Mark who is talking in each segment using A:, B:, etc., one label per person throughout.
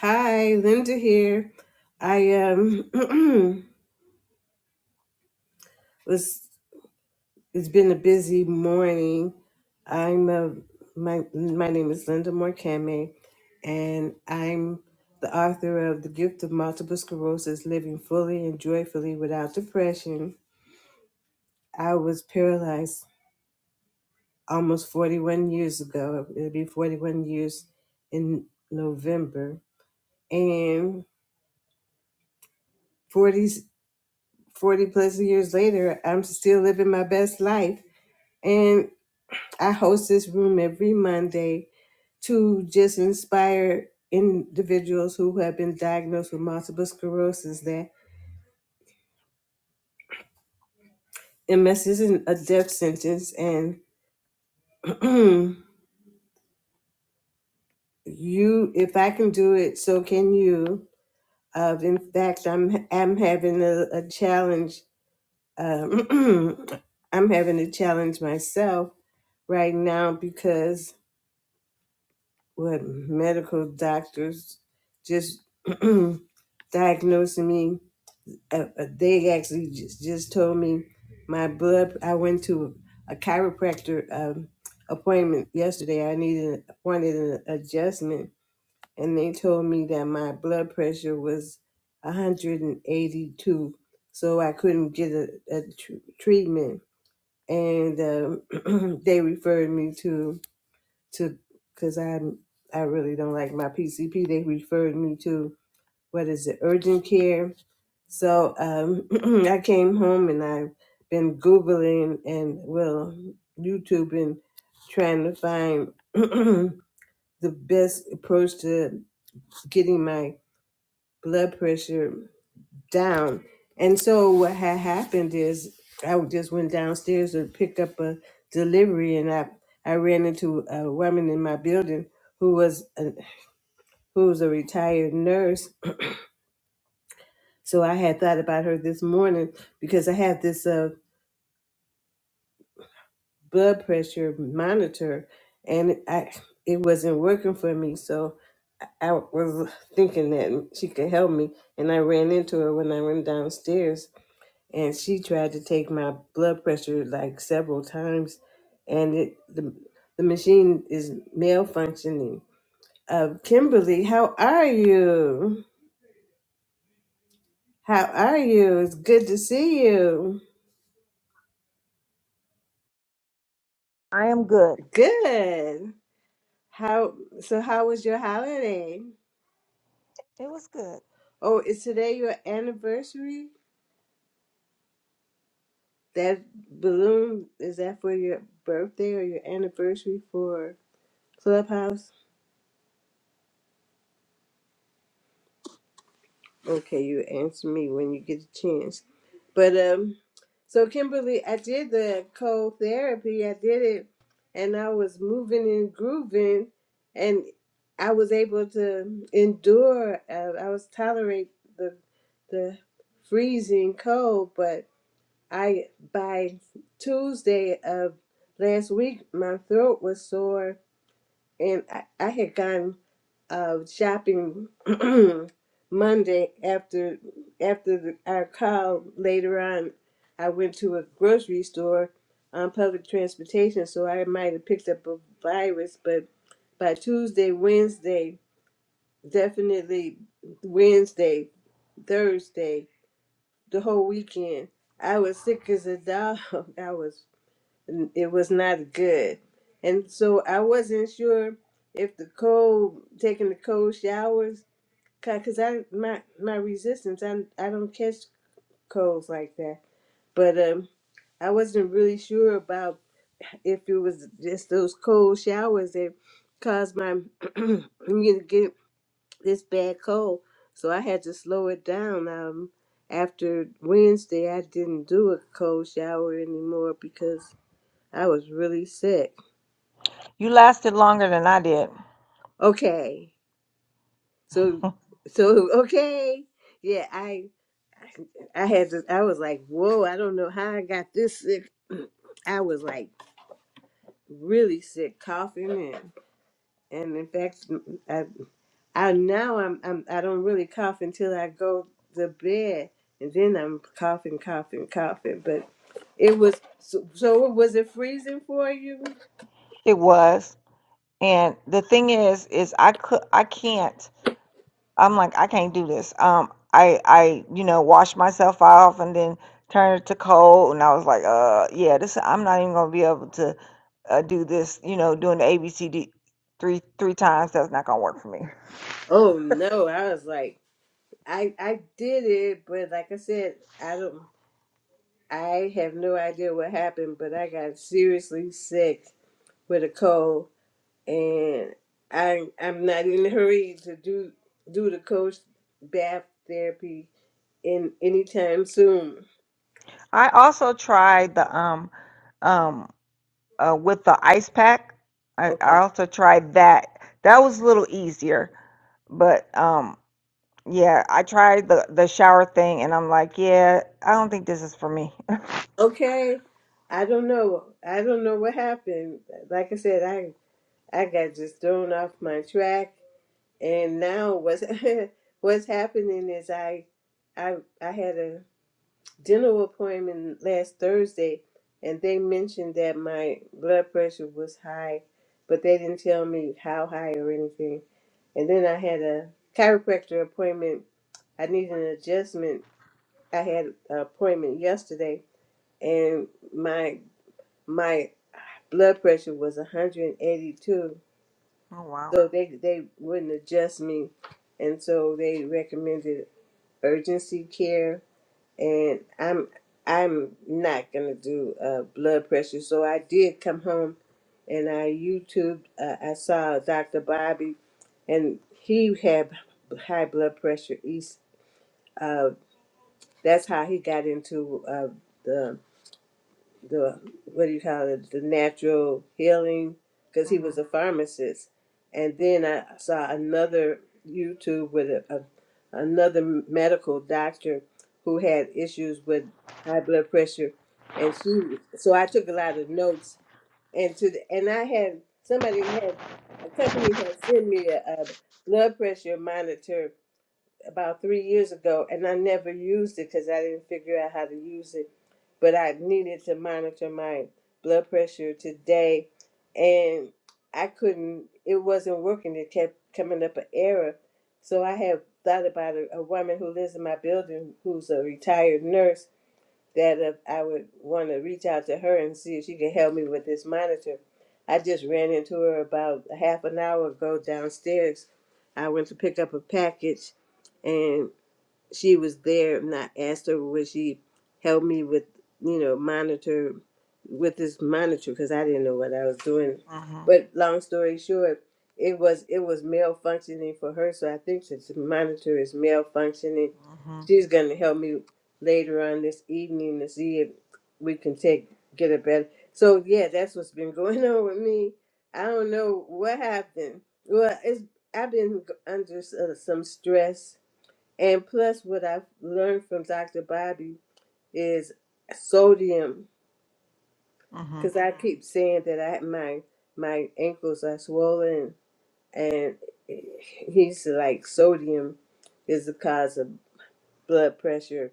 A: Hi, Linda here. I um was it's been a busy morning. I'm uh, my my name is Linda Morkame and I'm the author of The Gift of Multiple Sclerosis Living Fully and Joyfully Without Depression. I was paralyzed almost 41 years ago. It'll be 41 years in November and 40 40 plus years later, I'm still living my best life. And I host this room every Monday to just inspire individuals who have been diagnosed with multiple sclerosis that MS isn't a death sentence. And you, if I can do it, so can you. Uh, in fact, I'm I'm having a, a challenge. Um, I'm having a challenge myself right now because What medical doctors just diagnosing me. Uh, uh, they actually just, just told me my blood. I went to a chiropractor um, appointment yesterday. I needed wanted an adjustment, and they told me that my blood pressure was 182, so I couldn't get a, a tr- treatment. And um they referred me to to because I I really don't like my PCP. They referred me to what is it urgent care. So um, I came home and I've been googling and well YouTubing, trying to find the best approach to getting my blood pressure down. And so what had happened is I just went downstairs to pick up a delivery, and I I ran into a woman in my building who was a, who was a retired nurse. So I had thought about her this morning because I had this uh, blood pressure monitor, and I it wasn't working for me. So I I was thinking that she could help me, and I ran into her when I went downstairs and she tried to take my blood pressure like several times and it the, the machine is malfunctioning uh, kimberly how are you how are you it's good to see you
B: I am good.
A: good how so how was your holiday
B: It was good.
A: oh is today your anniversary that balloon is that for your birthday or your anniversary for clubhouse Okay, you answer me when you get a chance. But um, so Kimberly, I did the cold therapy. I did it, and I was moving and grooving, and I was able to endure. Uh, I was tolerate the the freezing cold, but I by Tuesday of last week, my throat was sore, and I, I had gotten of shopping Monday after after the, our call later on. I went to a grocery store on public transportation, so I might have picked up a virus. But by Tuesday, Wednesday, definitely Wednesday, Thursday, the whole weekend, I was sick as a dog. I was. It was not good, and so I wasn't sure if the cold, taking the cold showers cause I my my resistance I I don't catch colds like that. But um, I wasn't really sure about if it was just those cold showers that caused my me to get this bad cold. So I had to slow it down. Um, after Wednesday, I didn't do a cold shower anymore because I was really sick.
B: You lasted longer than I did.
A: Okay, so so okay, yeah, I. I had to, I was like, whoa, I don't know how I got this sick. I was like really sick, coughing and and in fact, I, I now I'm, I'm I don't really cough until I go to bed, and then I'm coughing, coughing, coughing. But it was so, so was it freezing for you?
B: It was. And the thing is, is I could, I can't. I'm like, I can't do this. Um, I, I, you know, wash myself off and then turn it to cold, and I was like, uh, yeah, this. I'm not even gonna be able to uh, do this. You know, doing the ABCD three three times. That's not gonna work for me.
A: Oh no, I was like, I I did it, but like I said, I don't, I have no idea what happened, but I got seriously sick with a cold and I I'm not in a hurry to do do the coach bath therapy in anytime soon.
B: I also tried the um um uh, with the ice pack. I, I
A: Okay.
B: also tried that. That was a little easier, but um, yeah, I tried the the shower thing, and I'm like, yeah, I don't think this is for me. oh
A: Okay. I don't know. I don't know what happened. Like I said, I I got just thrown off my track and now what's what's happening is I I I had a dental appointment last Thursday, and they mentioned that my blood pressure was high, but they didn't tell me how high or anything. And then I had a chiropractor appointment. I needed an adjustment. I had an appointment yesterday, and my my blood pressure was 182,
B: wow.
A: so they they wouldn't adjust me, and so they recommended urgency care and I'm I'm not gonna do uh, blood pressure. So I did come home, and I YouTube. Uh, I saw Dr. Bobby, and he had high blood pressure. He's uh, that's how he got into uh, the the what do you call it the natural healing because he
B: Mhm.
A: was a pharmacist and then i saw another youtube with a, a, another medical doctor who had issues with high blood pressure and she so i took a lot of notes and to the, and i had somebody had a company had sent me a, a blood pressure monitor about three years ago, and I never used it because I didn't figure out how to use it. But I needed to monitor my blood pressure today, and I couldn't. It wasn't working. It kept coming up an error. So I have thought about a, a woman who lives in my building who's a retired nurse that if I would want to reach out to her and see if she can help me with this monitor. I just ran into her about a half an hour ago downstairs. I went to pick up a package and she was there and I asked her would she help me with, you know, monitor with this monitor because I didn't know what I was doing.
B: Mhm.
A: But long story short, it was it was malfunctioning for her, so I think that the monitor is malfunctioning
B: Mhm.
A: she's going to help me later on this evening to see if we can take get a better. So yeah, that's what's been going on with me. I don't know what happened. Well, it's I've been g- under s- uh, some stress, and plus what I've learned from Dr. Bobby is sodium,
B: Mhm.
A: because I keep saying that I my my ankles are swollen, and eh, he's like sodium is the cause of blood pressure,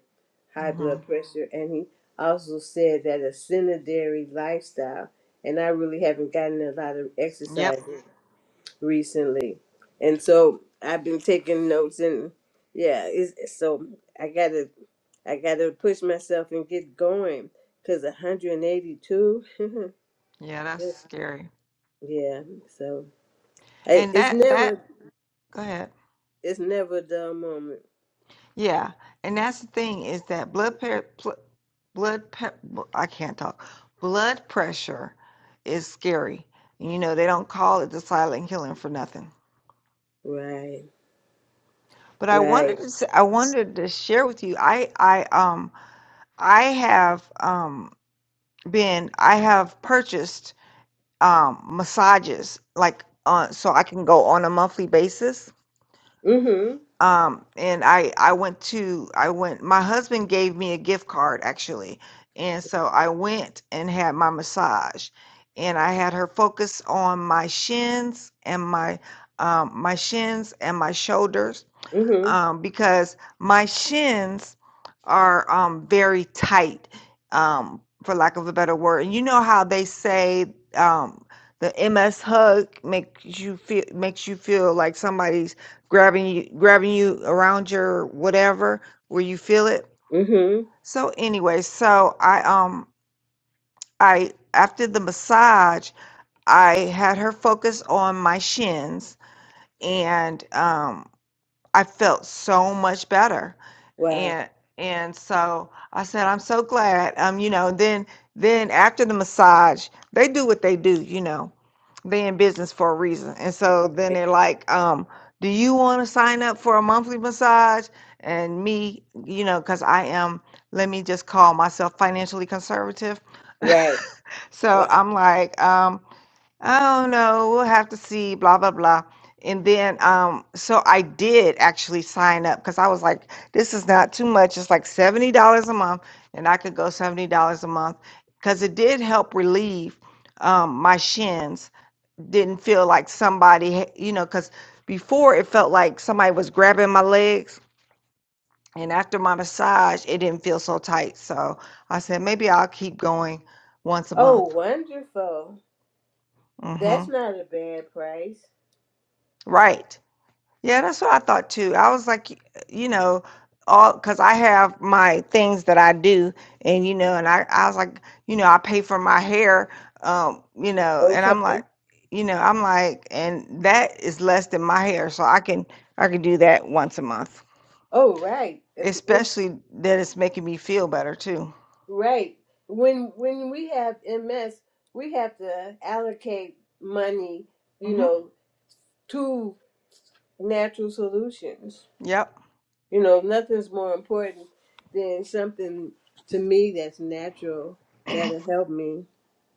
A: high blood
B: Mhm.
A: pressure, and he also said that a sedentary lifestyle, and I really haven't gotten a lot of exercise
B: Yep.
A: recently, and so I've been taking notes and yeah, it's, so I gotta I gotta push myself and get going because 182,
B: Yeah, that's scary.
A: yeah, so I,
B: And
A: it's
B: that
A: never
B: that go ahead.
A: it's never a dull moment,
B: Yeah, and that's the thing is that blood pressure. blood pe- I can't talk. Blood pressure is scary. And you know they don't call it the silent killing for nothing.
A: right,
B: But I wanted
A: right,
B: to s- I wanted to share with you. I I um I have um been I have purchased um massages like uh, so I can go on a monthly basis
A: mhm,
B: um and i i went to i went my husband gave me a gift card actually and so i went and had my massage and i had her focus on my shins and my um my shins and my shoulders
A: mhm,
B: um, because my shins are um, very tight, um, for lack of a better word. And you know how they say um, the MS hug makes you feel makes you feel like somebody's grabbing you grabbing you around your whatever where you feel it.
A: mhm,
B: So anyway, so I um I after the massage I had her focus on my shins and um I felt so much better.
A: wow.
B: And and so I said, I'm so glad. Um, you know, then then after the massage, they do what they do, you know. They in business for a reason. And so then they're like, um, do you want to sign up for a monthly massage? And me, you know, because I am, let me just call myself financially conservative.
A: Right.
B: So
A: Well, I-
B: I'm like, um, I don't know. We'll have to see. Blah blah blah. And then, um, so I did actually sign up because I was like, this is not too much. It's like seventy dollars a month, and I could go seventy dollars a month because it did help relieve um, my shins. Didn't feel like somebody, ha- you know, because before it felt like somebody was grabbing my legs, and after my massage, it didn't feel so tight. So I said maybe I'll keep going once a
A: Oh,
B: month.
A: wonderful.
B: Mm-hmm.
A: That's not a bad price.
B: Right. Yeah, that's what I thought too. I was like, y- you know, all because I have my things that I do, and you know, and I, I was like, you know, I pay for my hair, um, you know, and
A: Okay.
B: I'm like, you know, I'm like, and that is less than my hair, so I can I can do that once a month,
A: Oh, right. At the end,
B: especially that it's making me feel better too.
A: right. When when we have MS, we have to allocate money, you
B: Mm-hmm.
A: know, to natural solutions.
B: Yep.
A: You know, nothing's more important than something to me that's natural that'll help me.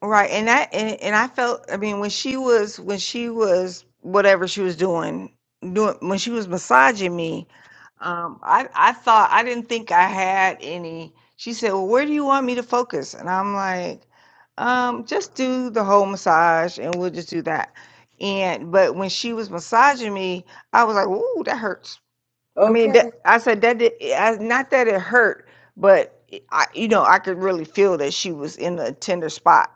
B: Right, and I and, and I felt I mean when she was when she was whatever she was doing doing when she was massaging me, um, I I thought I didn't think I had any. She said, "Well, where do you want me to focus?" And I'm like, um, "Just do the whole massage, and we'll just do that." And but when she was massaging me, I was like, "Ooh, that hurts." I mean,
A: Okay.
B: that, I said that did, I, not that it hurt, but it- I you know I could really feel that she was in a tender spot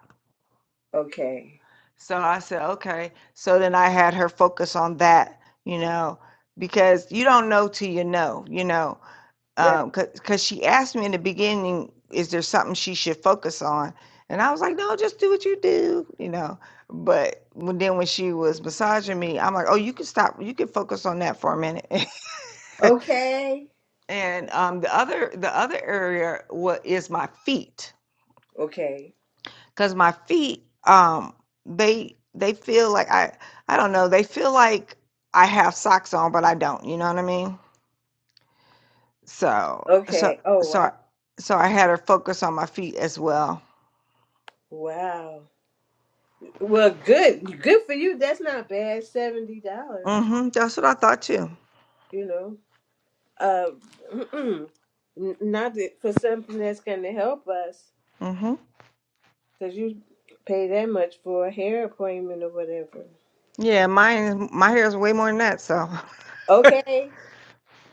A: Okay.
B: so I said, okay. So then I had her focus on that, you know, because you don't know till you know, you know,
A: Right.
B: because cause she asked me in the beginning, is there something she should focus on? And I was like, no, just do what you do, you know. But when, then when she was massaging me, I'm like, oh, you can stop. You can focus on that for a minute.
A: Okay.
B: and um, the other the other area wa is my feet
A: Okay.
B: because my feet um they they feel like i i don't know they feel like i have socks on but i don't you know what i mean so so
A: Okay. Oh,
B: so
A: wow.
B: so i had her focus on my feet as well
A: Wow. Well, good, good for you. That's not bad. Seventy dollars,
B: mm-hmm that's what i thought too
A: you know. Uh, N- not that for something that's gonna help us,
B: mm-hmm
A: cause you pay that much for a hair appointment or whatever.
B: yeah mine is- my hair is way more than that so
A: Okay,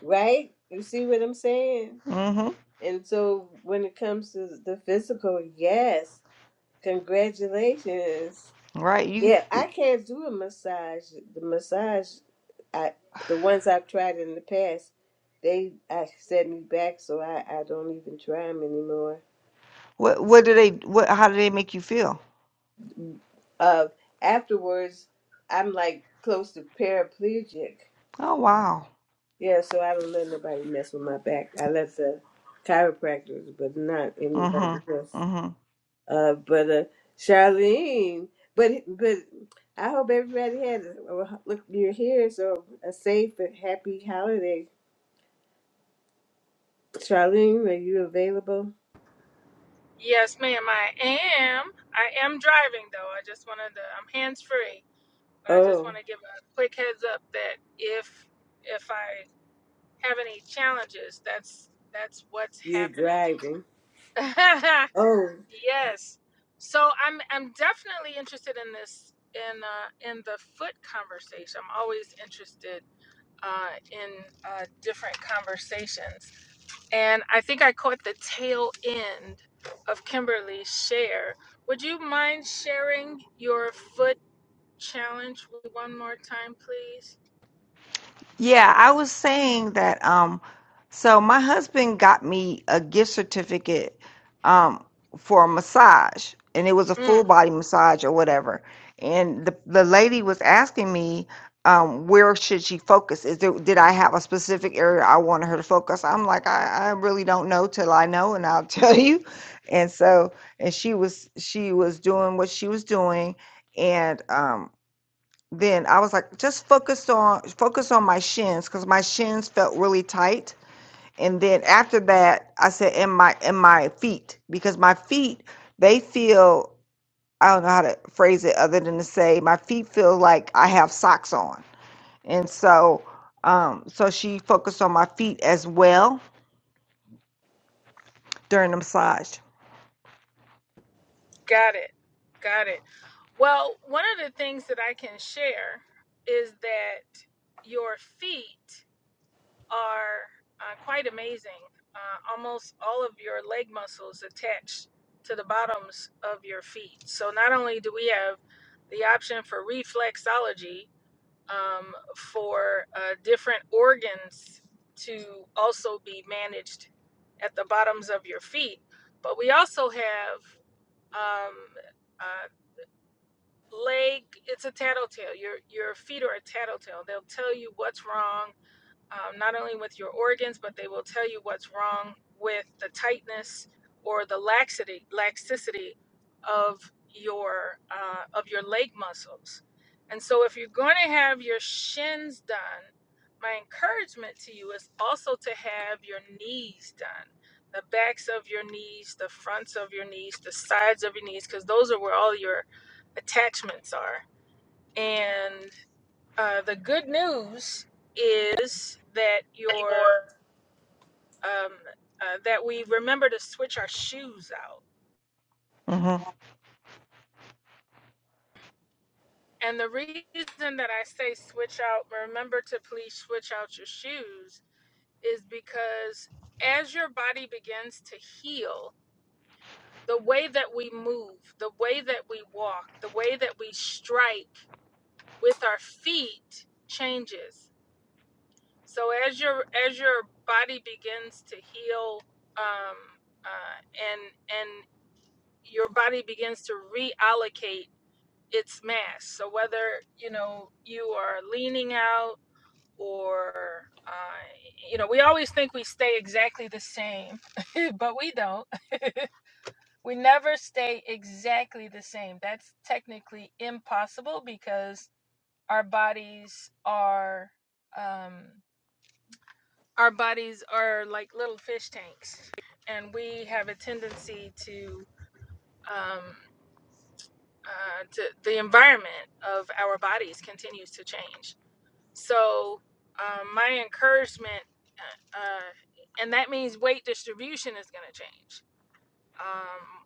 A: right? You see what I'm saying?
B: mm-hmm
A: And so when it comes to the physical, yes, congratulations.
B: right you
A: Yeah, I can't do a massage. The massage, I the ones I've tried in the past, they I set me back, so I I don't even try them anymore.
B: what what do they what how do they make you feel
A: Uh, afterwards, I'm like close to paraplegic.
B: oh wow
A: Yeah, so I don't let nobody mess with my back. I let the chiropractors, but not anybody
B: mm-hmm
A: else.
B: mm-hmm
A: Uh, but uh, Charlene, but but I hope everybody had a, look. You're here, so a safe and happy holiday Charlene, are you available?
C: Yes, ma'am, I am. I am driving though. I just wanted to I'm hands free, but I just
A: Oh,
C: want to give a quick heads up that if if I have any challenges, that's that's what's
A: you're
C: happening.
A: driving. Oh,
C: yes. So I'm I'm definitely interested in this in uh, in the foot conversation. I'm always interested uh, in uh, different conversations and I think I caught the tail end of Kimberly's share. Would you mind sharing your foot challenge one more time, please?
B: Yeah, I was saying that um so my husband got me a gift certificate um for a massage and it was a
C: Mm,
B: full body massage or whatever. And the the lady was asking me um where should she focus? Is there did I have a specific area I wanted her to focus? I'm like I, I really don't know till I know and I'll tell you. And so and she was she was doing what she was doing and um then I was like, just focus on focus on my shins because my shins felt really tight. And then after that, I said, in my in my feet because my feet they feel I don't know how to phrase it other than to say my feet feel like I have socks on. And so, um, so she focused on my feet as well during the massage.
C: got it. Got it. Well, one of the things that I can share is that your feet are uh, quite amazing. Uh, almost all of your leg muscles attached to the bottoms of your feet. So not only do we have the option for reflexology, um, for uh, different organs to also be managed at the bottoms of your feet. But we also have um, uh, leg. It's a tattletale. Your your feet are a tattletale. They'll tell you what's wrong um, not only with your organs, but they will tell you what's wrong with the tightness or the laxity, laxicity of your uh, of your leg muscles. And so, if you're going to have your shins done, my encouragement to you is also to have your knees done, the backs of your knees, the fronts of your knees, the sides of your knees, because those are where all your attachments are. And uh, the good news is that your um, uh, that we remember to switch our shoes out.
B: Mhm,
C: And the reason that I say switch out, remember to please switch out your shoes, is because as your body begins to heal, the way that we move, the way that we walk, the way that we strike with our feet changes So as your as your body begins to heal, um, uh, and and your body begins to reallocate its mass. So whether you know you are leaning out or uh, you know, we always think we stay exactly the same, but we don't. we never stay exactly the same. That's technically impossible because our bodies are. Um, our bodies are like little fish tanks, and we have a tendency to, um, uh, to the environment of our bodies continues to change. So, um, my encouragement, uh, uh, and that means weight distribution is going to change. Um,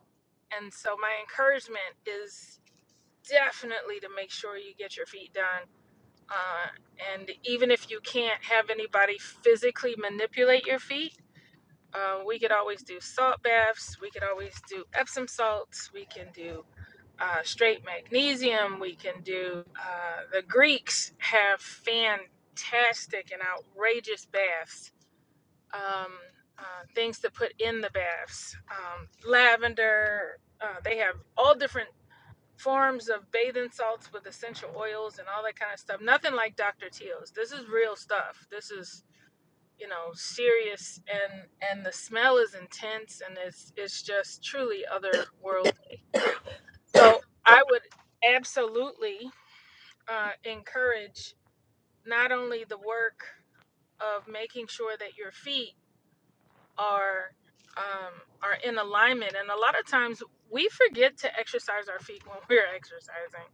C: and so, my encouragement is definitely to make sure you get your feet done. Uh, and even if you can't have anybody physically manipulate your feet, Um, we could always do salt baths. We could always do Epsom salts. We can do uh, straight magnesium. We can do. Uh, the Greeks have fantastic and outrageous baths. Um, uh, things to put in the baths. Um, lavender. Uh, they have all different forms of bathing salts with essential oils and all that kind of stuff. Nothing like Dr. Teal's. This is real stuff. This is you know serious and and the smell is intense and it's it's just truly otherworldly so i would absolutely uh, encourage not only the work of making sure that your feet are um, are in alignment and a lot of times we forget to exercise our feet when we're exercising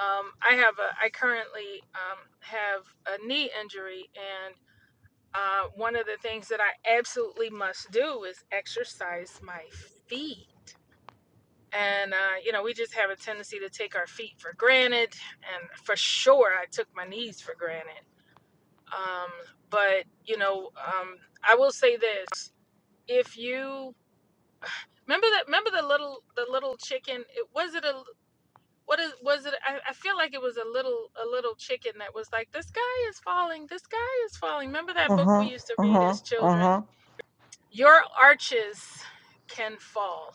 C: um, i have a i currently um, have a knee injury and. uh, one of the things that I absolutely must do is exercise my feet. And, uh, you know, we just have a tendency to take our feet for granted. And for sure, I took my knees for granted. Um, but, you know, um, I will say this if you remember that, remember the little, the little chicken, it was it a, what is, was it? I, I feel like it was a little, a little chicken that was like, this guy is falling, this guy is falling. Remember that book we
B: mhm,
C: used to read
B: mhm,
C: as children?
B: mhm.
C: Your arches can fall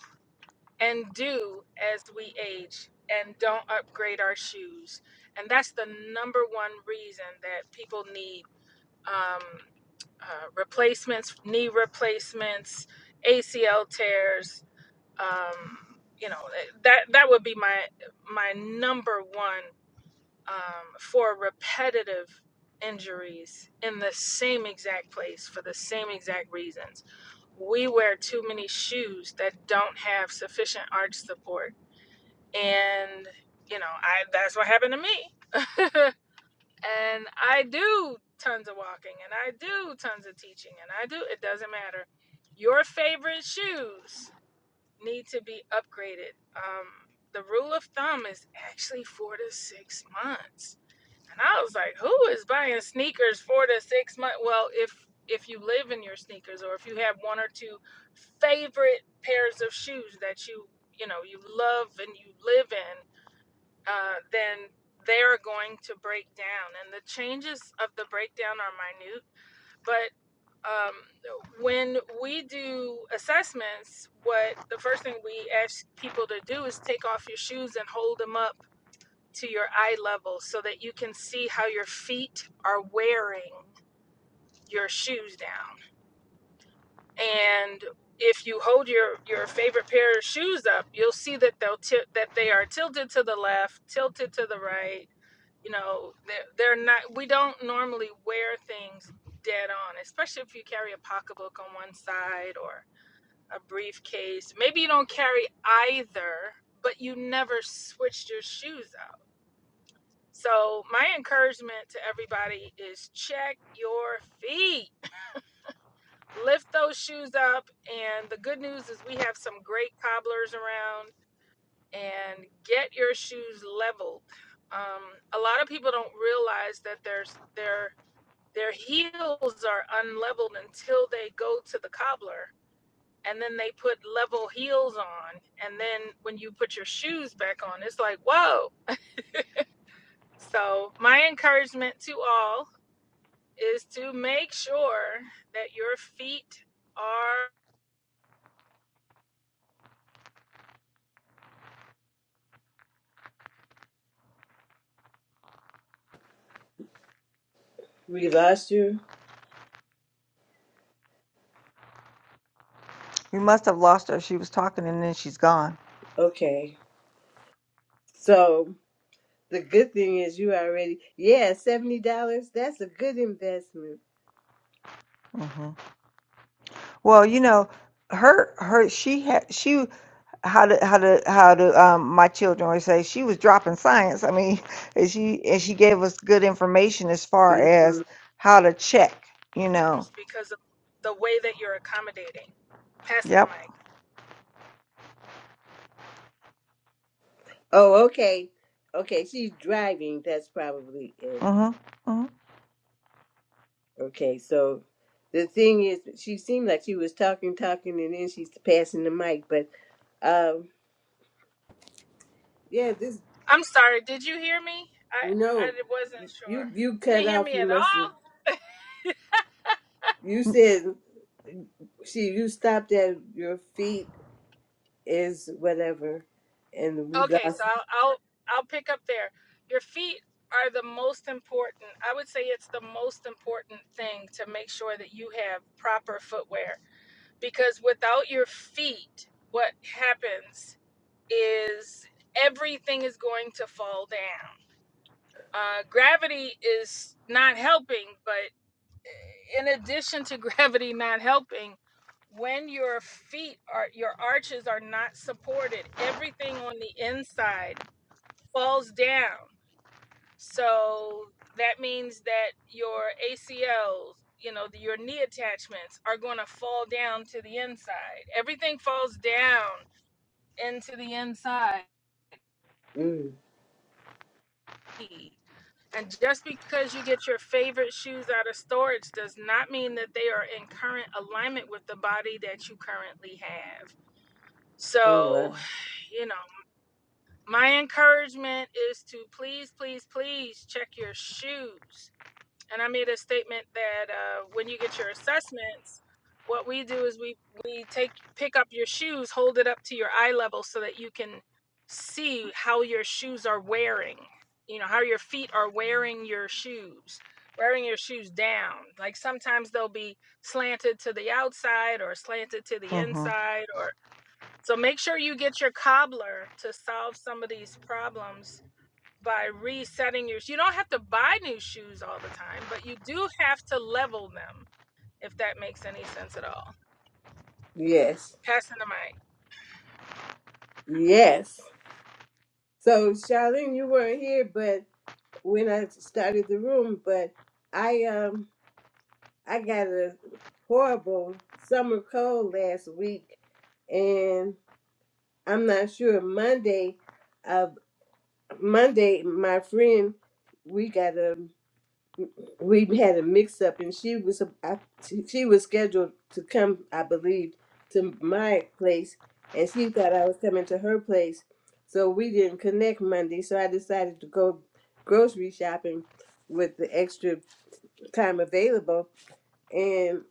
C: and do as we age and don't upgrade our shoes. And that's the number one reason that people need um, uh, replacements, knee replacements, ACL tears. Um, you know eh, that that would be my my number one um, for repetitive injuries in the same exact place for the same exact reasons. We wear too many shoes that don't have sufficient arch support, and you know, I that's what happened to me. and I do tons of walking, and I do tons of teaching, and I do. It doesn't matter. Your favorite shoes need to be upgraded. Um, the rule of thumb is actually four to six months and I was like, who is buying sneakers four to six months? Well, if if you live in your sneakers or if you have one or two favorite pairs of shoes that you you know you love and you live in, uh, then they're going to break down. And the changes of the breakdown are minute, but um, when we do assessments, what the first thing we ask people to do is take off your shoes and hold them up to your eye level so that you can see how your feet are wearing your shoes down. And if you hold your your favorite pair of shoes up, you'll see that they'll tilt that they are tilted to the left, tilted to the right. You know, they're, they're not. We don't normally wear things dead on, especially if you carry a pocketbook on one side or a briefcase. Maybe you don't carry either, but you never switched your shoes up So, my encouragement to everybody is check your feet. Lift those shoes up. And the good news is, we have some great cobblers around, and get your shoes leveled. Um, a lot of people don't realize that there's, their, their heels are unleveled until they go to the cobbler. And then they put level heels on. And then when you put your shoes back on, it's like, whoa. So, my encouragement to all is to make sure that your feet are
A: we lost you?
B: We must have lost her. She was talking and then she's gone.
A: Okay. So the good thing is you already, yeah, $70. That's a good investment.
B: Mhm. Well, you know, her her she had she how to how to how to um my children would say she was dropping science. I mean, and she and she gave us good information as far as
A: Mhm.
B: how to check. You know.
C: because of the way that you're accommodating. Passing the
B: Yep.
C: mic.
A: Oh, okay. Okay, she's driving. That's probably it.
B: Mhm. Mhm.
A: Okay, so the thing is, she seemed like she was talking, talking, and then she's passing the mic. But um, yeah, this,
C: I'm sorry, did you hear me? I, I
A: no,
C: wasn't sure.
A: you you
C: You
A: cut
C: didn't hear
A: off.
C: me
A: You
C: at
A: must have,
C: all?
A: you said See, you stopped at your feet is whatever, and we
C: Okay, so
A: lost.
C: I'll, I'll I'll pick up there. Your feet are the most important. I would say it's the most important thing to make sure that you have proper footwear because without your feet, what happens is everything is going to fall down. Uh, gravity is not helping, but in addition to gravity not helping, when your feet are your arches are not supported, everything on the inside falls down. So that means that your ACLs, you know, the, your knee attachments are going to fall down to the inside. Everything falls down into the inside
A: Mm.
C: And just because you get your favorite shoes out of storage does not mean that they are in current alignment with the body that you currently have.
A: Oh
C: So,
A: wow!
C: you know, my encouragement is to please, please, please check your shoes and I made a statement that uh, when you get your assessments, what we do is we we take pick up your shoes, hold it up to your eye level so that you can see how your shoes are wearing. You know how your feet are wearing your shoes, wearing your shoes down. Like sometimes they'll be slanted to the outside or slanted to the
B: Mhm.
C: inside, or so make sure you get your cobbler to solve some of these problems by resetting your shoes. you don't have to buy new shoes all the time but you do have to level them if that makes any sense at all
A: Yes,
C: passing the mic
A: yes. So Charlene, you weren't here, but when I started the room, but I um I got a horrible summer cold last week, and I'm not sure Monday, uh Monday my friend we got a we had a mix up and she was I, she she was scheduled to come i believe to my place and she thought i was coming to her place so we didn't connect monday so i decided to go grocery shopping with the extra time available and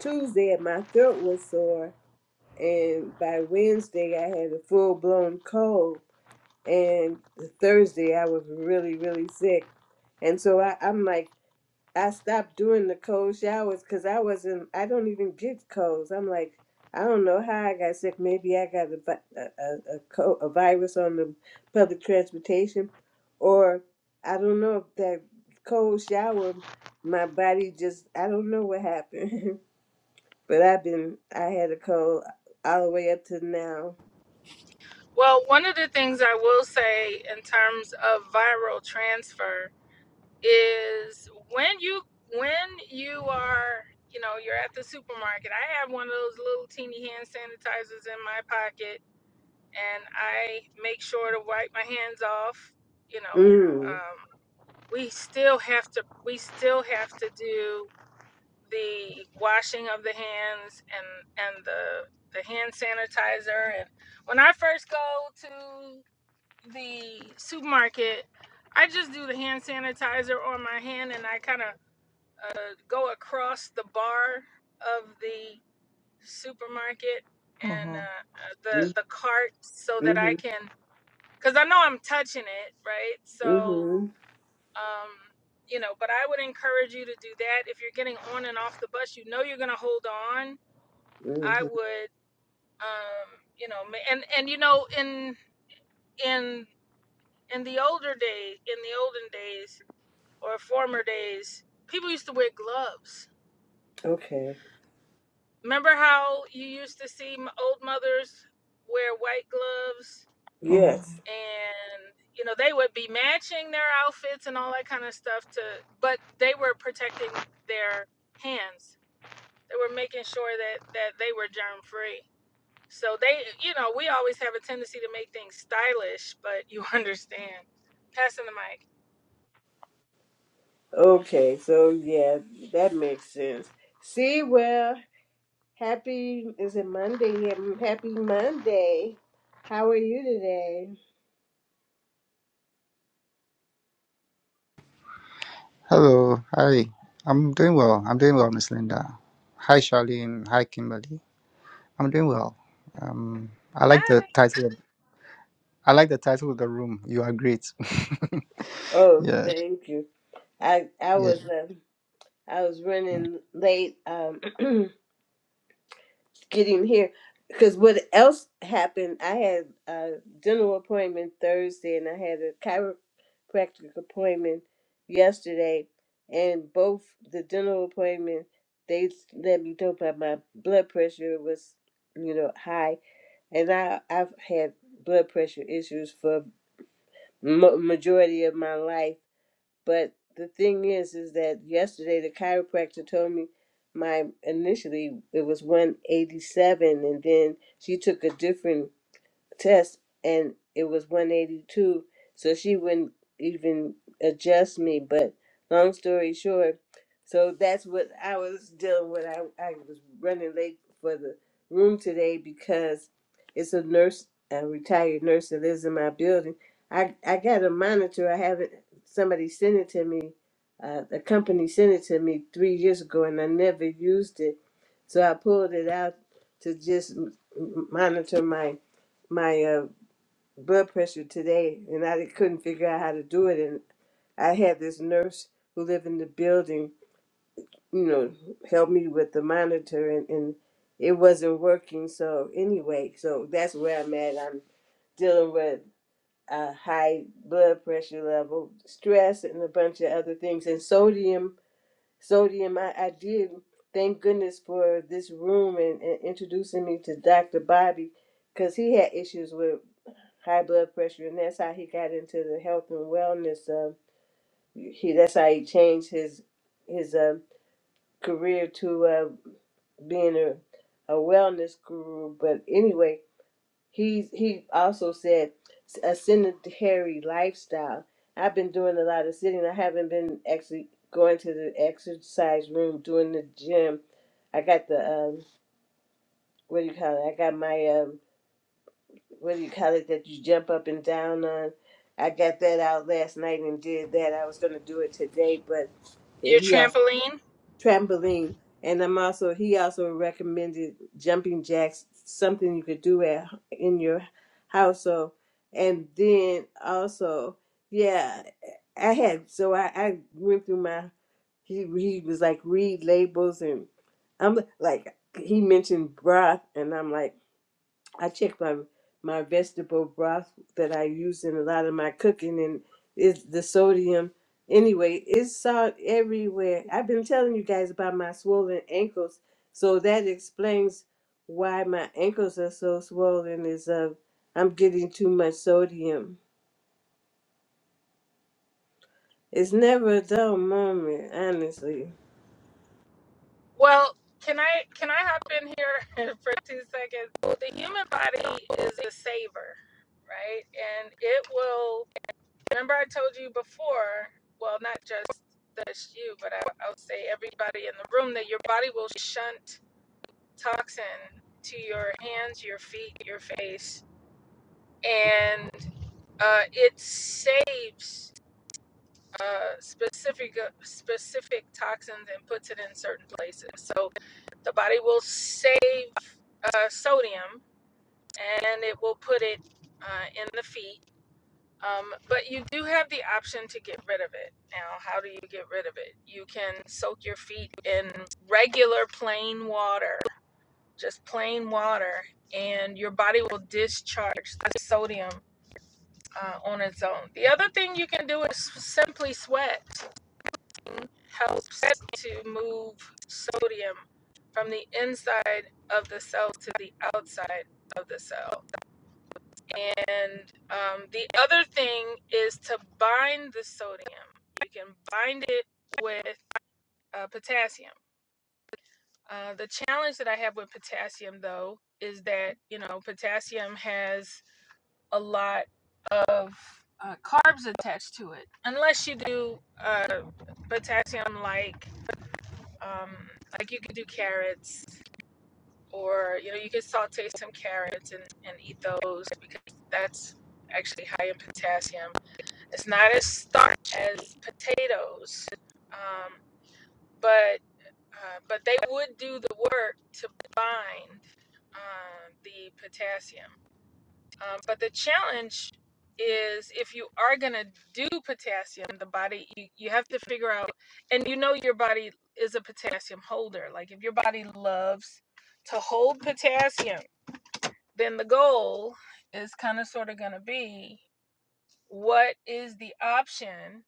A: tuesday my throat was sore and by wednesday i had a full-blown cold and thursday i was really really sick and so I, i'm like I stopped doing the cold showers because I wasn't. I don't even get colds. I'm like, I don't know how I got sick. Maybe I got a vi- a a, a, co- a virus on the public transportation, or I don't know if that cold shower, my body just. I don't know what happened, but I've been. I had a cold all the way up to now.
C: well one of the things i will say in terms of viral transfer is when you when you are you know you're at the supermarket i have one of those little teeny hand sanitizers in my pocket and i make sure to wipe my hands off you know
A: Mm.
C: um, we still have to we still have to do the washing of the hands and and the the hand sanitizer and when I first go to the supermarket I just do the hand sanitizer on my hand and I kind of uh, go across the bar of the supermarket and uh,
B: Mhm.
C: uh,
A: Mm.
C: the the cart so that I
A: Mhm.
C: can cuz I know I'm touching it right so
A: Mhm.
C: um, you know but i would encourage you to do that if you're getting on and off the bus you know you're going to hold on i
A: Mhm.
C: would um, you know and and you know in in in the older day in the olden days or former days people used to wear gloves
A: Okay.
C: remember how you used to see old mothers wear white gloves
B: Mhm.
A: Yes.
C: and you know they would be matching their outfits and all that kind of stuff to but they were protecting their hands They were making sure that that they were germ free. So they, you know, we always have a tendency to make things stylish, but you understand. Passing the mic.
A: Okay, so yeah, that makes sense. See, well, happy is it Monday? Um, Happy Monday. How are you today?
D: Hello, hi. I'm doing well. I'm doing well, Miss Linda. Hi, Charlene. Hi, Kimberly. I'm doing well. Um, I like the
C: Hi.
D: title. Of, I like the title of the room. You are great.
A: Oh,
D: yeah,
A: thank you. I I was
D: yeah.
A: um I was running late. Um, get him here. Because what else happened? I had a dental appointment Thursday, and I had a chiropractic appointment yesterday. And both the dental appointment, they let me know that my blood pressure was, you know, high, and I I've had blood pressure issues for ma- majority of my life but the thing is, is that yesterday the chiropractor told me my initially it was 187, and then she took a different test and it was 182 so she wouldn't even adjust me but long story short so that's what i was dealing with i, I was running late for the room today because it's a nurse a retired nurse that lives in my building i, I got a monitor i haven't somebody sent it to me uh, the company sent it to me three years ago and i never used it so i pulled it out to just m- monitor my my uh, blood pressure today, and I couldn't figure out how to do it. And I had this nurse who lived in the building, you know, help me with the monitor, and, and it wasn't working. So anyway, so that's where I'm at. I'm dealing with a high blood pressure level, stress, and a bunch of other things, and sodium. Sodium, I, I did. Thank goodness for this room and, and introducing me to Dr. Bobby because he had issues with high blood pressure, and that's how he got into the health and wellness. Um, he that's how he changed his his um career to uh, being a, a wellness guru. But anyway, he he also said a sedentary lifestyle. I've been doing a lot of sitting. I haven't been actually going to the exercise room, doing the gym. I got the um, what do you call it? I got my um, what do you call it that you jump up and down on. I got that out last night and did that. I was gonna do it today, but and
C: Your
A: he also
C: trampoline.
A: trampoline. And I'm also he also recommended jumping jacks, something you could do at in your house. So and then also, yeah, I had so I, I went through my he he was like read labels and I'm like he mentioned broth and I'm like I check my my vegetable broth that I use in a lot of my cooking, and is the sodium. Anyway, it's salt everywhere. I've been telling you guys about my swollen ankles, so that explains why my ankles are so swollen. Is uh, I'm getting too much sodium. It's never a dull moment, honestly.
C: Well, can I can I hop in here for two seconds? The human body is a saver, right? And it will. Remember, I told you before. Well, not just just you, but I, I'll say everybody in the room that your body will shunt toxin to your hands, your feet, your face, and uh, it saves uh, specific uh, specific toxins and puts it in certain places. So the body will save uh, sodium and it will put it uh, in the feet. Um, but you do have the option to get rid of it. Now, how do you get rid of it? You can soak your feet in regular plain water just plain water, and your body will discharge the sodium uh, on its own. The other thing you can do is simply sweat. It Helps to move sodium from the inside of the cell to the outside of the cell. And um, the other thing is to bind the sodium. You can bind it with uh, potassium. Uh, the challenge that I have with potassium, though, is that you know potassium has a lot of uh, carbs attached to it, unless you do uh, potassium like um, like you could do carrots or you know you could saute some carrots and, and eat those because that's actually high in potassium. It's not as starch as potatoes, um, but uh, but they would do the work to bind um, the potassium. Um, but the challenge is if you are going to do potassium, the body, you, you have to figure out, and you know your body is a potassium holder. Like if your body loves to hold potassium, then the goal is kind of sort of going to be what is the option?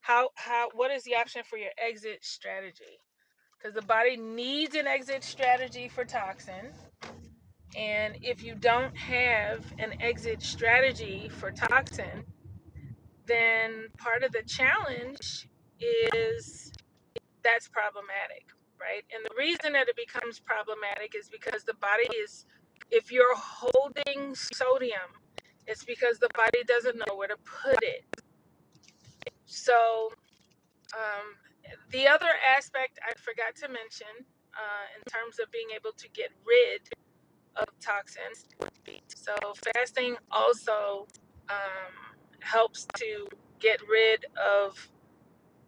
C: How, how, what is the option for your exit strategy? Because the body needs an exit strategy for toxin. And if you don't have an exit strategy for toxin, then part of the challenge is that's problematic, right? And the reason that it becomes problematic is because the body is, if you're holding sodium, it's because the body doesn't know where to put it. So, um, the other aspect I forgot to mention uh, in terms of being able to get rid of toxins, so fasting also um, helps to get rid of.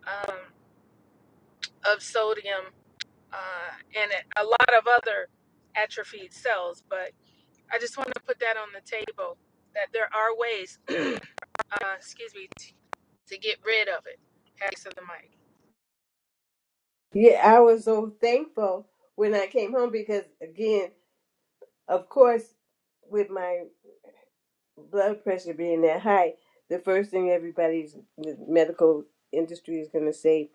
C: Um, of sodium uh, and a lot of other atrophied cells. But I just want to put that on the table that there are ways, uh, excuse me, t- to get rid of it. Pass the mic.
A: Yeah, I was so thankful when I came home because, again, of course, with my blood pressure being that high, the first thing everybody's the medical industry is going to say,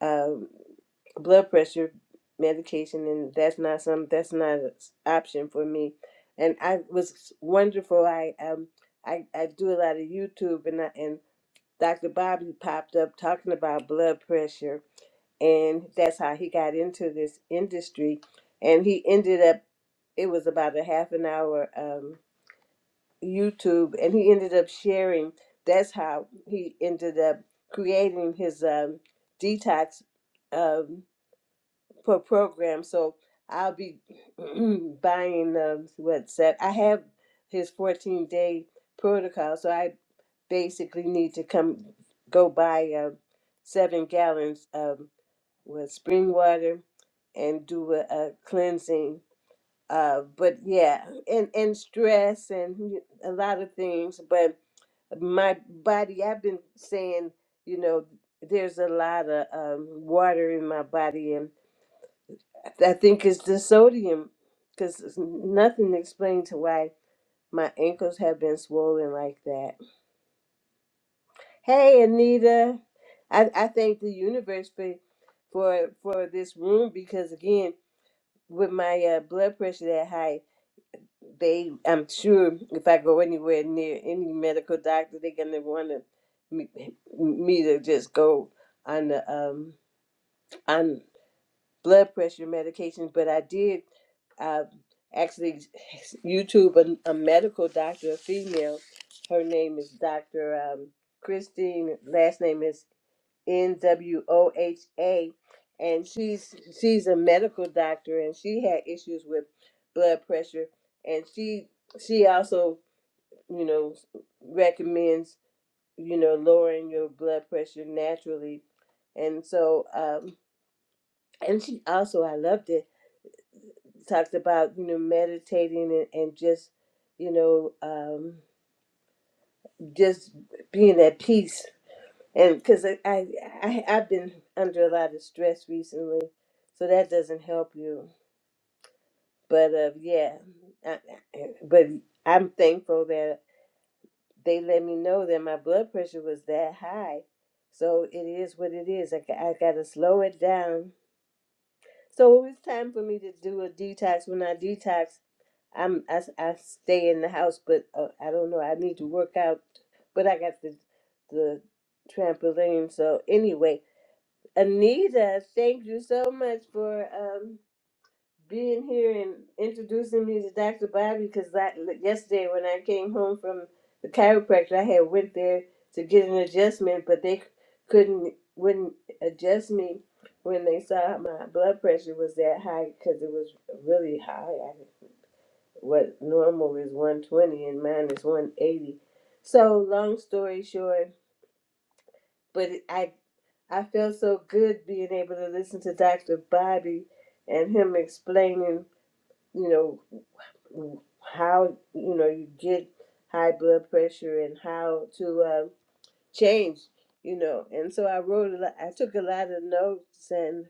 A: um, blood pressure medication, and that's not some that's not an option for me. And I was wonderful. I um I, I do a lot of YouTube, and I, and Dr. Bobby popped up talking about blood pressure, and that's how he got into this industry, and he ended up. It was about a half an hour. Um, YouTube, and he ended up sharing. That's how he ended up creating his um, detox um, pro- program. So I'll be buying um, what's that? I have his 14 day protocol, so I basically need to come go buy uh, seven gallons of with spring water and do a, a cleansing. Uh, but yeah, and and stress and a lot of things, but my body i've been saying you know there's a lot of um, water in my body and i th- I think it's the sodium because nothing explains why my ankles have been swollen like that hey anita i, I thank the universe for for for this room because again with my uh, blood pressure that high they i'm sure if i go anywhere near any medical doctor they're going to want to me, me to just go on the um on blood pressure medication but i did uh actually youtube a, a medical doctor a female her name is dr um christine last name is N W O H A, and she's she's a medical doctor, and she had issues with blood pressure, and she she also you know recommends you know lowering your blood pressure naturally, and so um and she also I loved it talked about you know meditating and, and just you know um just being at peace and because I, I I I've been under a lot of stress recently, so that doesn't help you. But uh, yeah, I, I- but I'm thankful that they let me know that my blood pressure was that high. So it is what it I I g- I gotta slow it down. So it was time for me to do a detox. When I detox, I'm I, s- I stay in the house, but uh, I don't know. I need to work out, but I got the the trampoline. So anyway, Anita, thank you so much for um, being here and introducing me to Dr. Bobby. Because I, yesterday, when I came home from the chiropractor, I had went there to get an adjustment, but they couldn't wouldn't adjust me when they saw my blood pressure was that high because it was really high. I, what normal is 120 and mine is 180. So long story short, but I I feel so good being able to listen to Dr. Bobby and him explaining, you know, how you know you get high blood pressure and how to um, change you know and so i wrote a lot i took a lot of notes and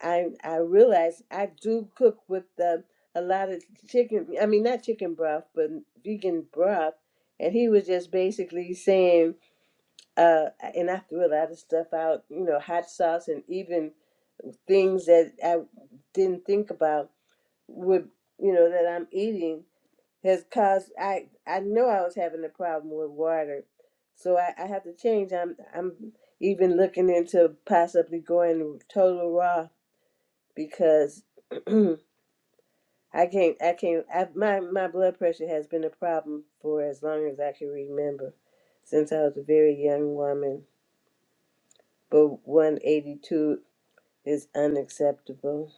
A: i i realized i do cook with um, a lot of chicken i mean not chicken broth but vegan broth and he was just basically saying uh, and I threw a lot of stuff out, you know, hot sauce and even things that I didn't think about would, you know, that I'm eating has caused. I I know I was having a problem with water, so I, I have to change. I'm I'm even looking into possibly going total raw because I can't I can't I, my my blood pressure has been a problem for as long as I can remember, since I was a very young woman but 182 is unacceptable.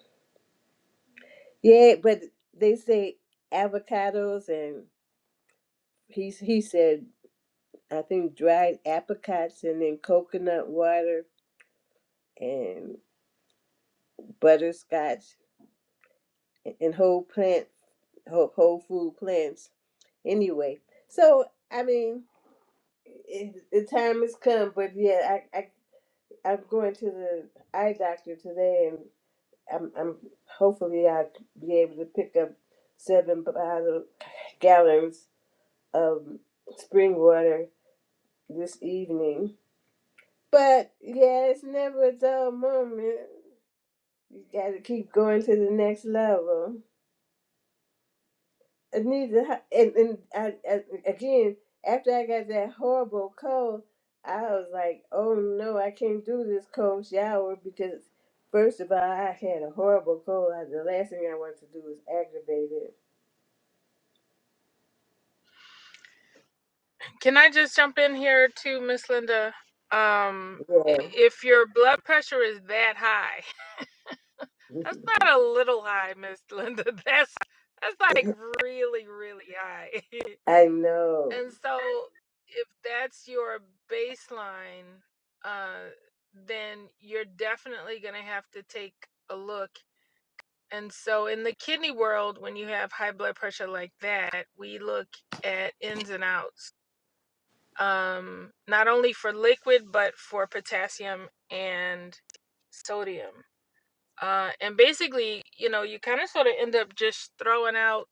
A: Yeah, but they say avocados and he he said I think dried apricots and then coconut water and butterscotch and whole plant whole, whole food plants anyway. So I mean, it, the time has come, but yeah, I, I I'm going to the eye doctor today, and I'm I'm hopefully I'll be able to pick up seven bottle gallons um, spring water this evening. But yeah, it's never a dull moment. You got to keep going to the next level. It needs to, ha- and, and I, I, again, after I got that horrible cold, I was like, oh no, I can't do this cold shower because, first of all, I had a horrible cold. I, the last thing I want to do is aggravate
C: Can I just jump in here too, Miss Linda? Um, if your blood pressure is that high, that's
A: it.
C: not a little high, Miss Linda. That's that's like
A: Yeah.
C: really, really high.
A: I know.
C: And so if that's your baseline, uh, then you're definitely going to have to take a look. And so in the kidney world, when you have high blood pressure like that, we look at ins and outs, um, not only for liquid, but for potassium and sodium. Uh, and basically, you know, you kind of sort of end up just throwing out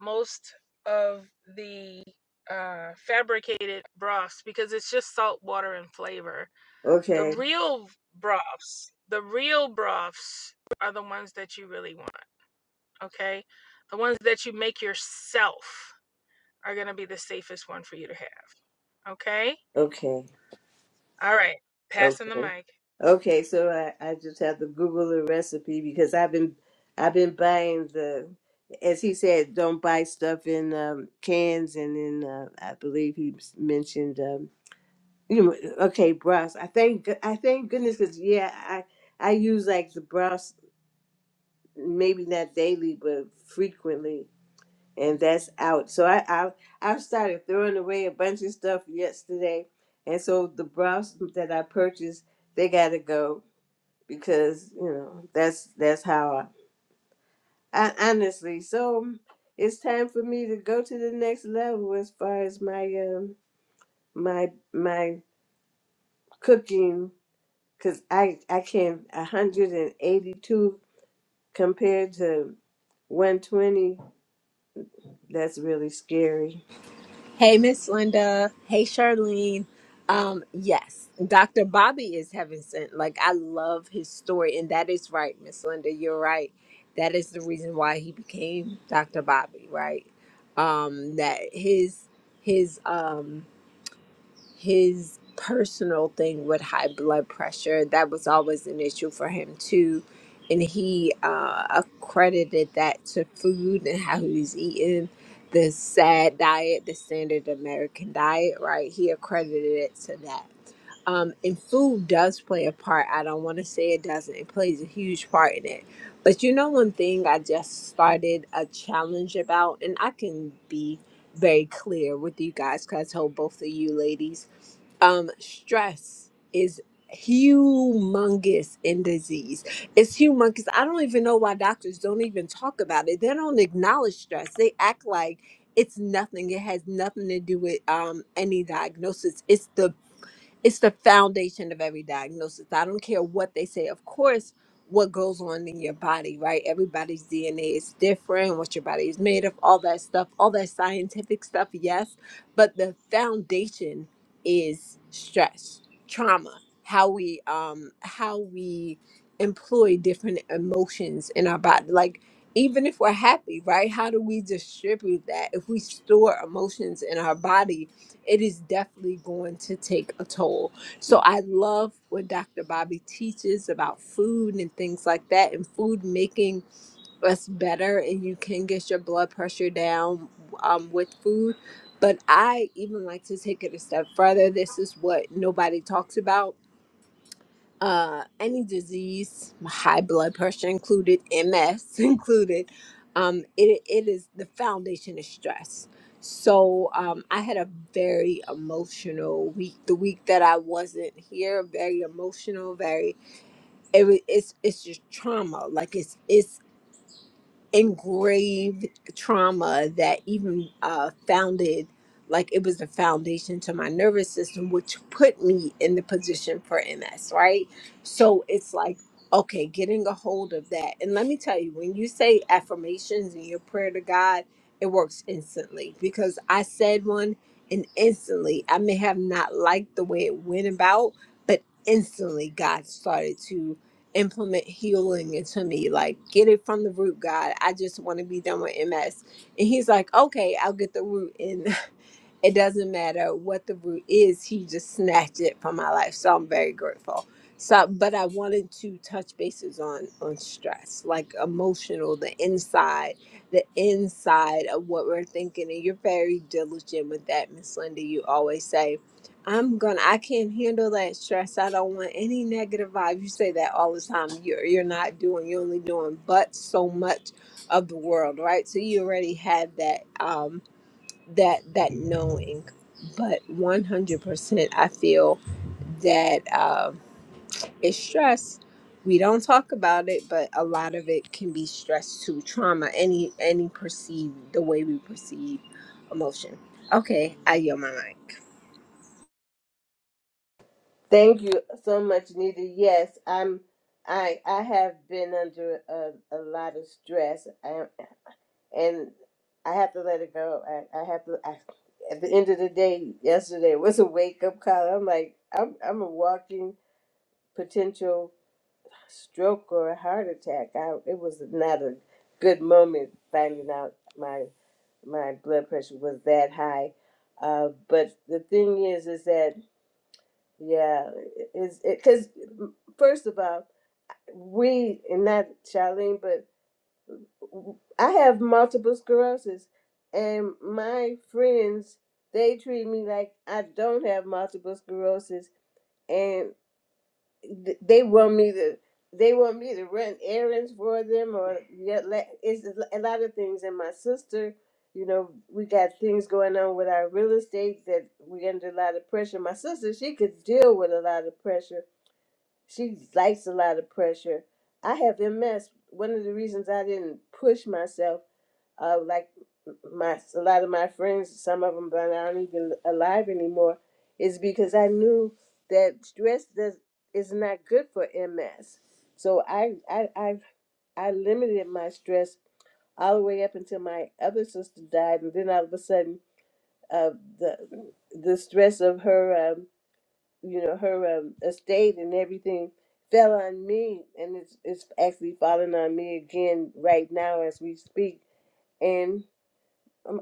C: most of the uh, fabricated broths because it's just salt water and flavor. The
A: Okay.
C: real broths, the real broths are the ones that you really want, okay? The ones that you make yourself are going to be the safest one for you to have, okay?
A: Okay.
C: All right, passing the
A: Okay.
C: mic.
A: Okay, so I, I just have to Google the recipe because I've been I've been buying the as he said, don't buy stuff in um, cans and then uh, I believe he s- mentioned um, you know okay broths. I thank go- I thank goodness because yeah I I use like the broths maybe not daily but frequently and that's out. So I I, I started throwing away a bunch of stuff yesterday and so the broths that I purchased they gotta go because you know that's that's how I, I honestly. So it's time for me to go to the next level as far as my um my my cooking because I I can 182 compared to 120. That's really scary.
E: Hey, Miss Linda. Hey, Charlene. Um, yes, Dr. Bobby is heaven sent. Like, I love his story. And that is right, Miss Linda. You're right. That is the reason why he became Dr. Bobby, right? Um, that his, his, um, his personal thing with high blood pressure that was always an issue for him too and he uh, accredited that to food and how he's eating the sad diet the standard american diet right he accredited it to that um, and food does play a part i don't want to say it doesn't it plays a huge part in it but you know one thing i just started a challenge about and i can be very clear with you guys because i told both of you ladies um, stress is humongous in disease. It's humongous. I don't even know why doctors don't even talk about it. They don't acknowledge stress. They act like it's nothing. It has nothing to do with um, any diagnosis. It's the it's the foundation of every diagnosis. I don't care what they say. Of course, what goes on in your body, right? Everybody's DNA is different, what your body is made of, all that stuff, all that scientific stuff, yes. But the foundation is stress, trauma, how we um how we employ different emotions in our body. Like even if we're happy, right? How do we distribute that? If we store emotions in our body, it is definitely going to take a toll. So I love when Dr. Bobby teaches about food and things like that, and food making us better, and you can get your blood pressure down um, with food. But I even like to take it a step further. This is what nobody talks about uh, any disease, high blood pressure included, MS included, um, it, it is the foundation is stress. So um, I had a very emotional week. The week that I wasn't here, very emotional, very it, wa- it's it's just trauma. Like it's it's engraved trauma that even uh, founded like it was the foundation to my nervous system which put me in the position for ms right so it's like okay getting a hold of that and let me tell you when you say affirmations in your prayer to god it works instantly because i said one and instantly i may have not liked the way it went about but instantly god started to implement healing into me. Like, get it from the root, God. I just want to be done with MS. And he's like, okay, I'll get the root. And it doesn't matter what the root is he just snatched it from my life so i'm very grateful so but i wanted to touch bases on on stress like emotional the inside the inside of what we're thinking and you're very diligent with that miss linda you always say i'm gonna i can't handle that stress i don't want any negative vibe you say that all the time you're you're not doing you're only doing but so much of the world right so you already have that um that that knowing but 100% i feel that um, it's stress we don't talk about it but a lot of it can be stress to trauma any any perceived the way we perceive emotion okay i yield my mic
A: Thank you so much, Nita. Yes, I'm. I I have been under a, a lot of stress. I and I have to let it go. I, I have to. I, at the end of the day, yesterday was a wake up call. I'm like, I'm I'm a walking potential stroke or a heart attack. I, it was not a good moment finding out my my blood pressure was that high. Uh, but the thing is, is that yeah, is because first of all, we and not Charlene, but. I have multiple sclerosis, and my friends they treat me like I don't have multiple sclerosis, and th- they want me to they want me to run errands for them or yet la- it's a lot of things. And my sister, you know, we got things going on with our real estate that we under a lot of pressure. My sister, she could deal with a lot of pressure. She likes a lot of pressure. I have MS. One of the reasons I didn't push myself uh, like my a lot of my friends, some of them that aren't even alive anymore, is because I knew that stress does is not good for MS. So I I I, I limited my stress all the way up until my other sister died, and then all of a sudden, uh, the the stress of her um, you know her um, estate and everything fell on me, and it's it's actually falling on me again right now as we speak, and. um,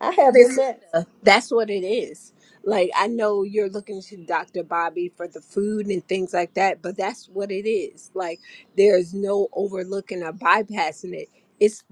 A: I have been
E: Miss
A: next.
E: Linda, that's what it is. Like I know you're looking to Dr. Bobby for the food and things like that, but that's what it is. Like there's no overlooking or bypassing it. It's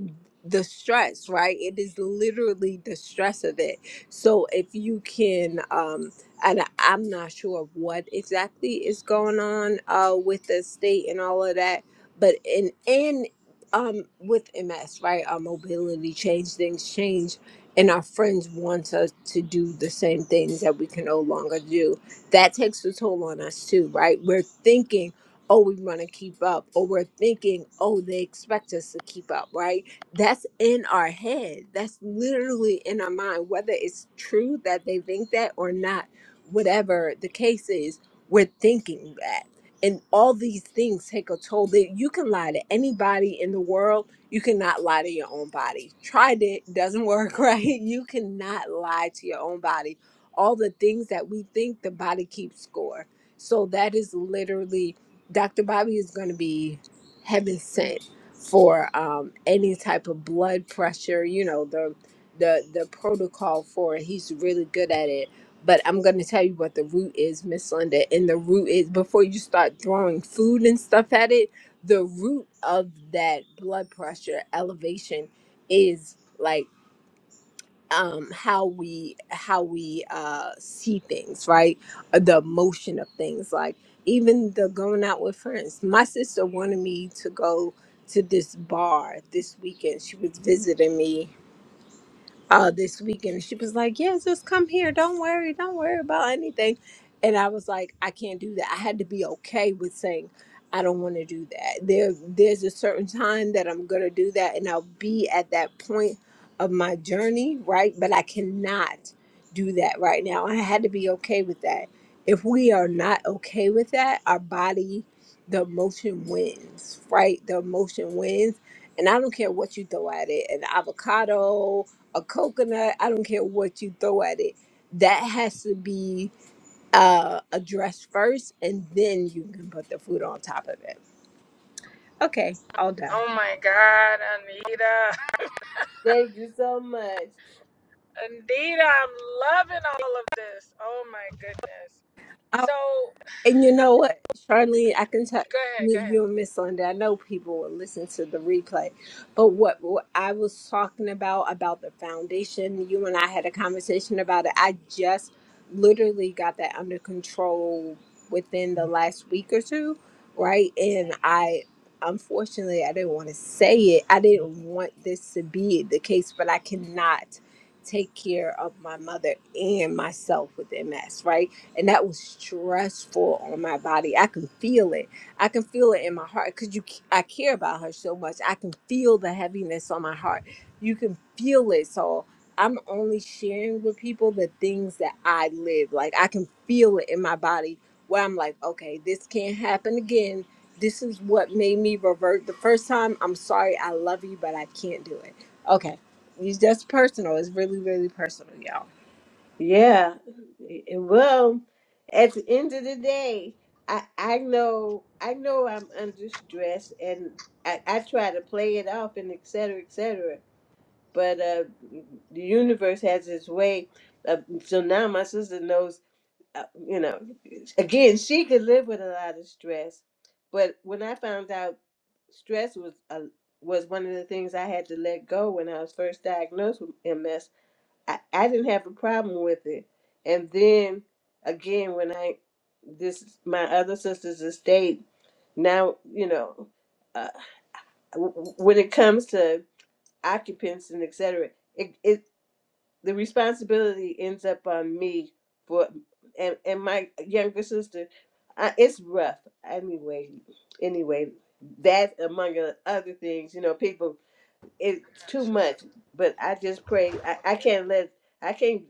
E: the stress, right? It is literally the stress of it. So if you can um and I- I'm not sure what exactly is going on uh with the state and all of that, but in and um with MS, right? Our mobility change, things change and our friends want us to do the same things that we can no longer do. That takes a toll on us too, right? We're thinking, oh, we want to keep up, or we're thinking, oh, they expect us to keep up, right? That's in our head. That's literally in our mind, whether it's true that they think that or not, whatever the case is, we're thinking that. And all these things take a toll that you can lie to anybody in the world you cannot lie to your own body. Tried it, doesn't work, right? You cannot lie to your own body. All the things that we think the body keeps score. So that is literally Dr. Bobby is going to be heaven sent for um, any type of blood pressure. You know the the the protocol for it. He's really good at it. But I'm going to tell you what the root is, Miss Linda. And the root is before you start throwing food and stuff at it the root of that blood pressure elevation is like um how we how we uh see things right Uh, the emotion of things like even the going out with friends my sister wanted me to go to this bar this weekend she was visiting me uh this weekend. She was like, Yeah, just come here. Don't worry, don't worry about anything. And I was like, I can't do that. I had to be okay with saying I don't want to do that. There there's a certain time that I'm gonna do that and I'll be at that point of my journey, right? But I cannot do that right now. I had to be okay with that. If we are not okay with that, our body, the emotion wins, right? The emotion wins. And I don't care what you throw at it, an avocado, a coconut, I don't care what you throw at it. That has to be uh, addressed first, and then you can put the food on top of it. Okay, all done.
C: Oh my God, Anita.
A: Thank you so much.
C: Anita, I'm loving all of this. Oh my goodness. So,
E: And you know what, Charlene, I can tell
C: go ahead,
E: me,
C: go ahead.
E: you and Miss Linda. I know people will listen to the replay, but what, what I was talking about about the foundation, you and I had a conversation about it. I just literally got that under control within the last week or two, right? And I unfortunately I didn't want to say it. I didn't want this to be the case, but I cannot take care of my mother and myself with MS, right? and that was stressful on my body. I can feel it. I can feel it in my heart because you, I care about her so much. I can feel the heaviness on my heart. You can feel it. So I'm only sharing with people the things that I live. Like I can feel it in my body where I'm like, okay, this can't happen again. This is what made me revert the first time. I'm sorry. I love you, but I can't do it. Okay. It's just personal. It's really, really personal, y'all.
A: Yeah. And Well, at the end of the day, I, I know I know I'm under stress and I, I try to play it off and et cetera, et cetera. But uh, the universe has its way. Of, so now my sister knows uh, you know, again, she could live with a lot of stress, but when I found out stress was a, was one of the things I had to let go when I was first diagnosed with MS, I, I didn't have a problem with it. And then again, when I this my other sister's estate now, you know, uh, w- w- when it comes to occupants and etc the responsibility ends up on me for and and my younger sister I, it's rough anyway anyway that among the other things you know people it's
C: I'm
A: too much but i just pray i,
C: not
A: I
C: sure.
A: can't let i can't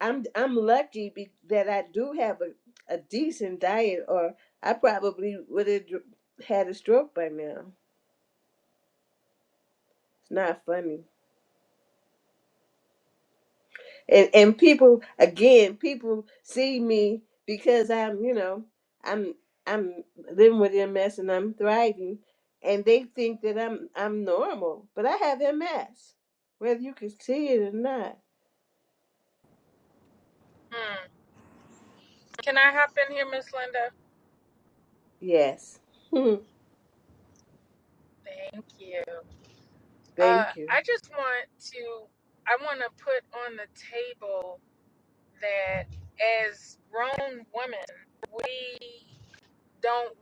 A: i'm i'm lucky be, that i do have a, a decent diet or i probably would have had a stroke by now it's not funny and and people again people see me because i'm you know i'm i'm living with ms and i'm thriving and they think that i'm i'm normal but i have ms whether you can see it or not
C: Hmm. Can I hop in here, Miss Linda?
A: yes
C: Thank you. Uh,
A: thank you
C: I just want to, I want to put on the table that as grown women, we don't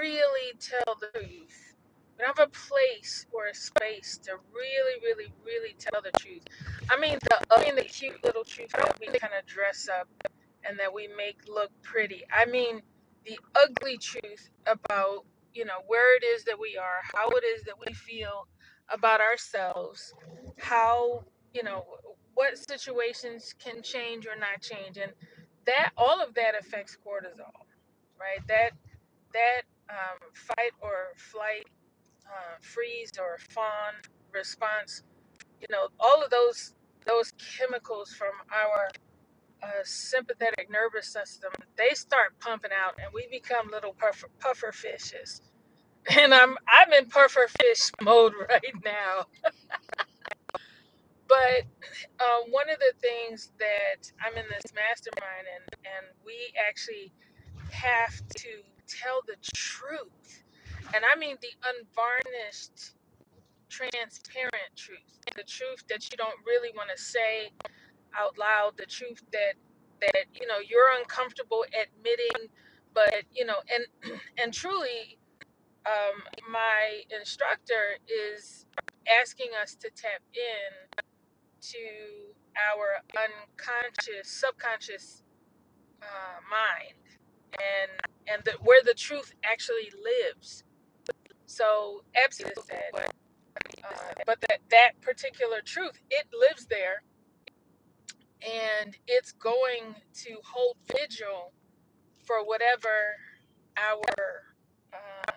C: really tell the truth. We don't have a place or a space to really, really, really tell the truth. I mean the, I mean the cute little truth. I don't mean to kind of dress up. and that we make look pretty. I mean, the ugly truth about, you know, where it is that we are, how it is that we feel about ourselves, how, you know, what situations can change or not change. And that, all of that affects cortisol, right? That, that um, fight or flight, uh, freeze or fawn response, you know, all of those, those chemicals from our uh, sympathetic nervous system, they start pumping out, and we become little puffer, puffer fishes. And I'm I'm in puffer fish mode right now. But uh, one of the things that I'm in this mastermind, and and we actually have to tell the truth, and I mean the unvarnished, transparent truth, the truth that you don't really want to say out loud the truth that that you know you're uncomfortable admitting but you know and and truly um, my instructor is asking us to tap in to our unconscious subconscious uh, mind and and the, where the truth actually lives so absent said uh, but that that particular truth it lives there and it's going to hold vigil for whatever our uh,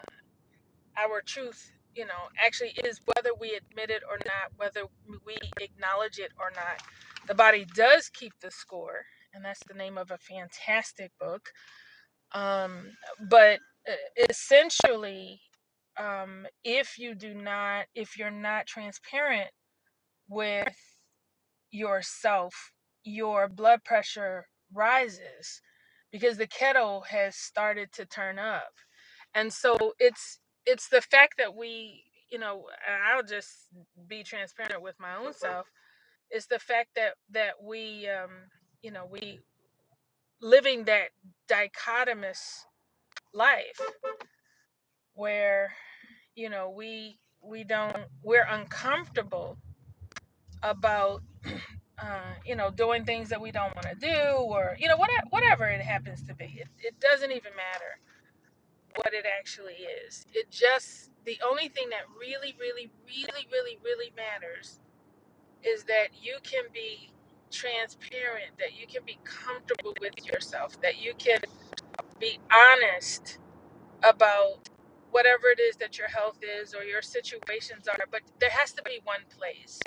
C: our truth you know actually is whether we admit it or not whether we acknowledge it or not the body does keep the score and that's the name of a fantastic book um, but uh, essentially um, if you do not if you're not transparent with yourself, your blood pressure rises because the kettle has started to turn up. And so it's it's the fact that we, you know, and I'll just be transparent with my own self. It's the fact that that we, um, you know, we living that dichotomous life where you know we we don't we're uncomfortable about uh, you know doing things that we don't want to do or you know whatever, whatever it happens to be it, it doesn't even matter what it actually is it just the only thing that really really really really really matters is that you can be transparent that you can be comfortable with yourself that you can be honest about whatever it is that your health is or your situations are but there has to be one place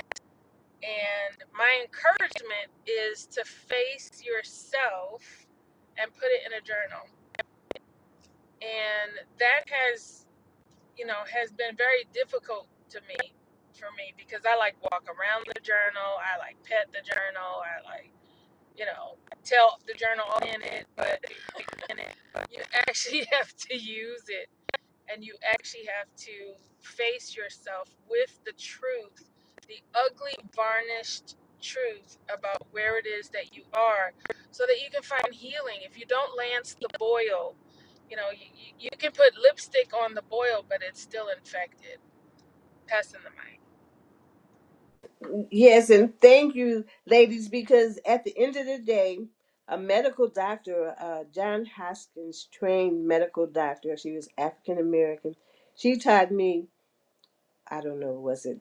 C: and my encouragement is to face yourself and put it in a journal. And that has, you know, has been very difficult to me for me because I like walk around the journal, I like pet the journal, I like, you know, tell the journal in it, but you actually have to use it and you actually have to face yourself with the truth, the ugly, varnished truth about where it is that you are, so that you can find healing. If you don't lance the boil, you know, you, you can put lipstick on the boil, but it's still infected. Passing the mic.
A: yes and thank you ladies because at the end of the day a medical doctor uh, john hoskins trained medical doctor she was african american she taught me I don't know, was it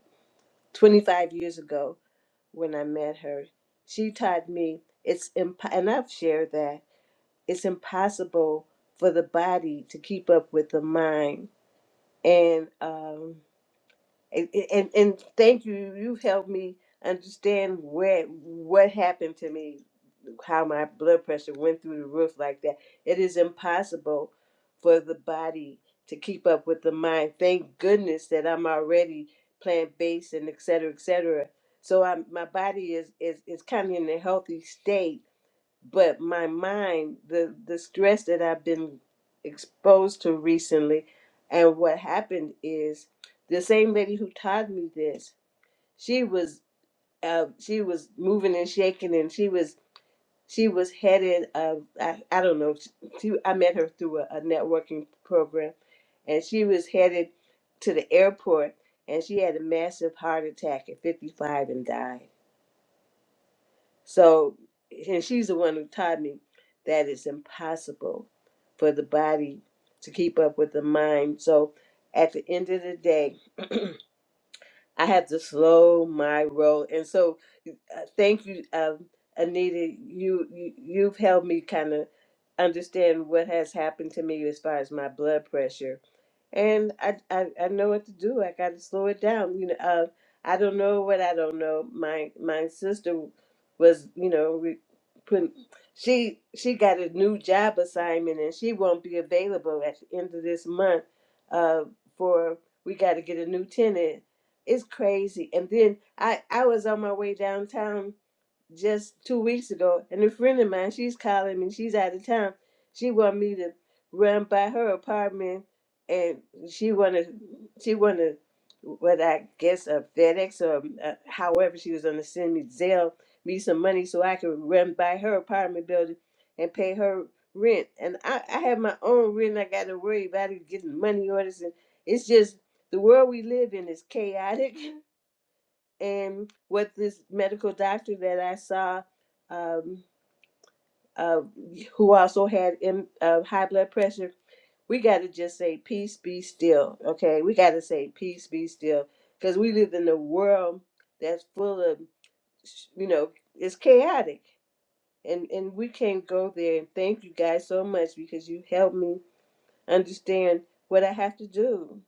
A: 25 years ago when I met her. She taught me it's imp- and I've shared that it's impossible for the body to keep up with the mind. And um, and, and and thank you. You've helped me understand where what happened to me, how my blood pressure went through the roof like that. It is impossible for the body to keep up with the mind. Thank goodness that I'm already plant based and et cetera, et cetera. So I'm, my body is is is kind of in a healthy state but my mind the the stress that i've been exposed to recently and what happened is the same lady who taught me this she was uh she was moving and shaking and she was she was headed uh i, I don't know she, i met her through a, a networking program and she was headed to the airport and she had a massive heart attack at 55 and died so, and she's the one who taught me that it's impossible for the body to keep up with the mind. So, at the end of the day, I have to slow my roll. And so, uh, thank you, um, Anita. You, you you've helped me kind of understand what has happened to me as far as my blood pressure and I, I I know what to do. I got to slow it down. You know, uh, I don't know what I don't know. My my sister was, you know, re- putting she she got a new job assignment and she won't be available at the end of this month. Uh, for we got to get a new tenant. It's crazy. And then I I was on my way downtown just two weeks ago, and a friend of mine, she's calling me. She's out of town. She wanted me to run by her apartment, and she wanted she wanted what I guess a FedEx or uh, however she was going to send me Zelle me some money so I could run by her apartment building and pay her rent. And I, I have my own rent. I got to worry about it getting money orders, and it's just the world we live in is chaotic. and with this medical doctor that I saw, um, uh, who also had M- uh, high blood pressure, we got to just say, peace be still. Okay. We got to say, peace be still. Because we live in a world that's full of, you know, it's chaotic. And, and we can't go there. And thank you guys so much because you helped me understand what I have to do.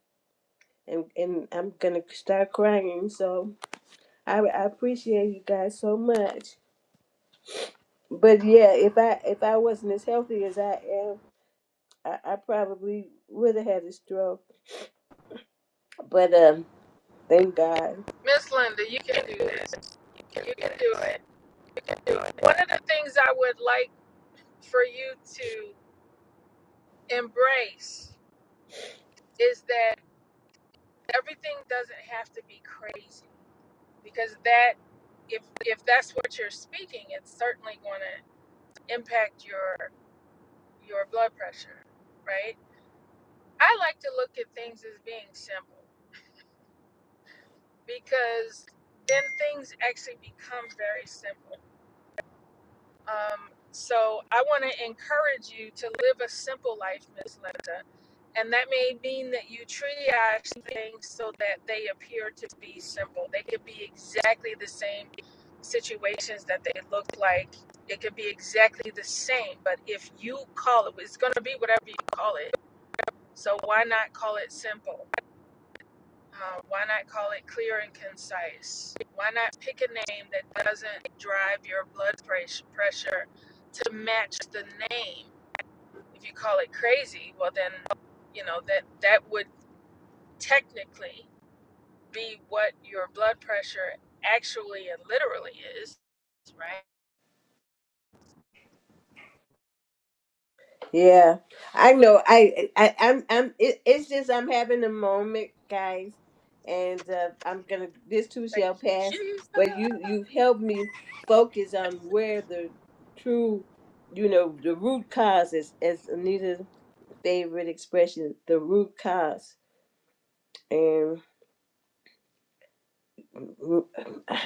A: And, and I'm going to start crying. So I, I appreciate you guys so much. But yeah, if I if I wasn't as healthy as I am, I, I probably would have had a stroke. But um, thank God.
C: Miss Linda, you can do this. You can do it. One of the things I would like for you to embrace is that everything doesn't have to be crazy because that if if that's what you're speaking it's certainly going to impact your your blood pressure right i like to look at things as being simple because then things actually become very simple Um, so I want to encourage you to live a simple life, Miss Linda. And that may mean that you triage things so that they appear to be simple. They could be exactly the same situations that they look like. It could be exactly the same, but if you call it, it's going to be whatever you call it. So why not call it simple? Uh, why not call it clear and concise? Why not pick a name that doesn't drive your blood pressure to match the name? If you call it crazy, well then, you know that that would technically be what your blood pressure actually and literally is, right?
A: Yeah, I know. I, I I'm I'm. It, it's just I'm having a moment, guys, and uh, I'm gonna. This too
C: Thank
A: shall
C: you,
A: pass.
C: Jesus.
A: But you you've helped me focus on where the true, you know, the root cause is, as Anita's favorite expression, the root cause, and.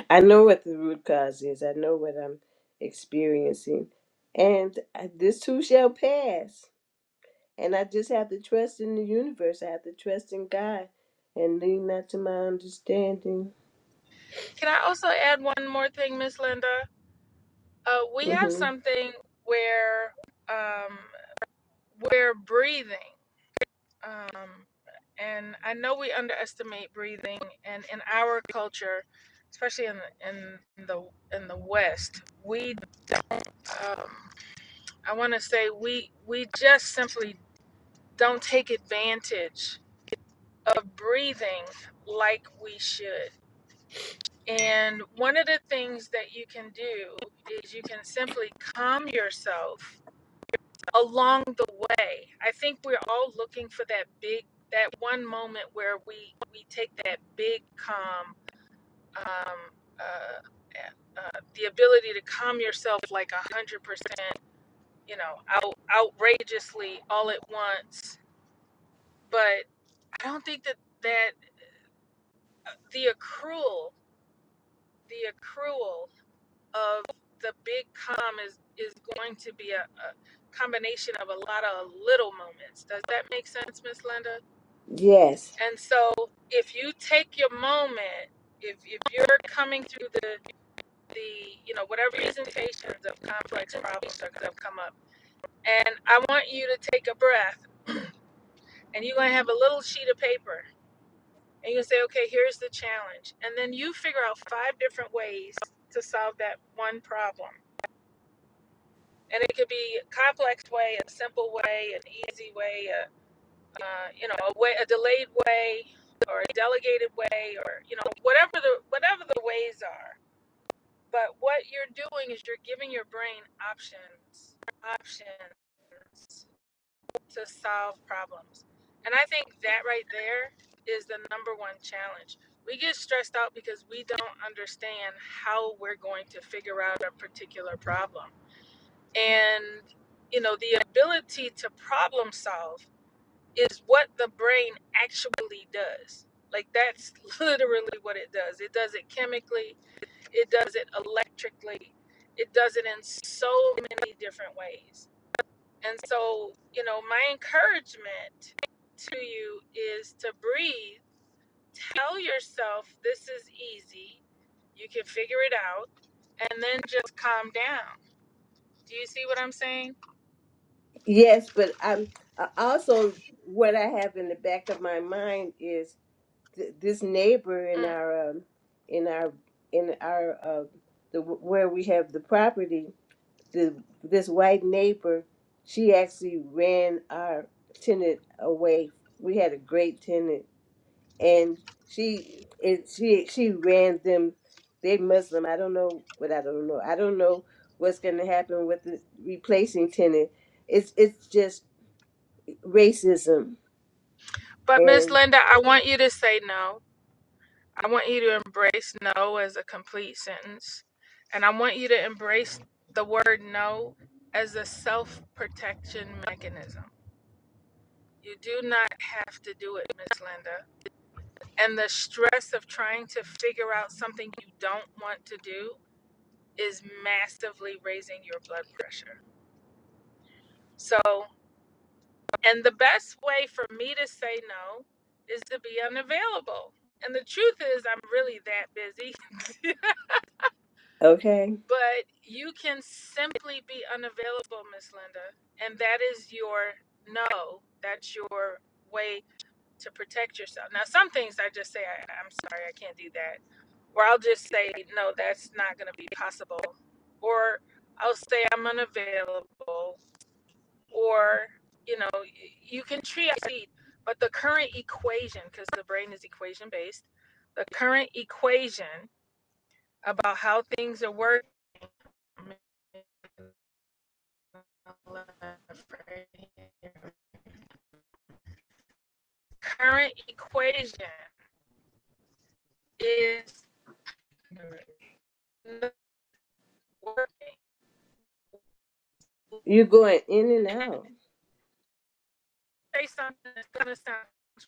A: I know what the root cause is. I know what I'm experiencing. And I- this too shall pass. And I just have to trust in the universe. I have to trust in God and lean not to my understanding.
C: Can I also add one more thing, Miss Linda? Uh, we have
A: hmm
C: something where um, we're breathing. Um, and I know we underestimate breathing. And in our culture, especially in in the in the West, we um, I want to say we we just simply don't take advantage of breathing like we should. And one of the things that you can do is you can simply calm yourself along the way. I think we're all looking for that big, that one moment where we we take that big calm, um, uh, eh, uh, the ability to calm yourself like a hundred percent, you know, out, outrageously all at once. But I don't think that that the accrual, the accrual of the big calm is is going to be a, a combination of a lot of little moments. Does that make sense, Miss Linda?
A: Yes.
C: And so if you take your moment, if, if you're coming through the, the, you know, whatever presentations of complex problems that have come up, and I want you to take a breath and you're going to have a little sheet of paper and you can say, okay, here's the challenge. And then you figure out five different ways to solve that one problem. And it could be a complex way, a simple way, an easy way, a uh, you know, a way, a delayed way, or a delegated way, or you know, whatever the whatever the ways are. But what you're doing is you're giving your brain options, options to solve problems, and I think that right there is the number one challenge. We get stressed out because we don't understand how we're going to figure out a particular problem, and you know, the ability to problem solve is what the brain actually does. Like that's literally what it does. It does it chemically, it does it electrically, it does it in so many different ways. And so, you know, my encouragement to you is to breathe. Tell yourself this is easy. You can figure it out and then just calm down. Do you see what I'm saying?
A: Yes, but I'm I also what I have in the back of my mind is th- this neighbor in
C: Mm.
A: our um, in our in our uh, the where we have the property the this white neighbor, she actually ran our tenant away. We had a great tenant, and she it she she ran them. They Muslim. I don't know what I don't know. I don't know what's going to happen with the replacing tenant. It's it's just racism
C: But Miss
A: and
C: Linda, I want you to say no. I want you to embrace no as a complete sentence. And I want you to embrace the word no as a self protection mechanism. You do not have to do it, Miss Linda. And the stress of trying to figure out something you don't want to do is massively raising your blood pressure. So, and the best way for me to say no is to be unavailable. And the truth is, I'm really that busy.
A: okay.
C: But you can simply be unavailable, Miss Linda, and that is your no. That's your way to protect yourself. Now, some things I just say, I, I'm sorry, I can't do that. Or I'll just say, no, that's not going to be possible. Or I'll say, I'm unavailable. Or, you know, you can triage, but the current equation, because the brain is equation based, the current equation about how things are working left right here. Current equation is not working.
A: You're going in and out.
C: Say something that's gonna sound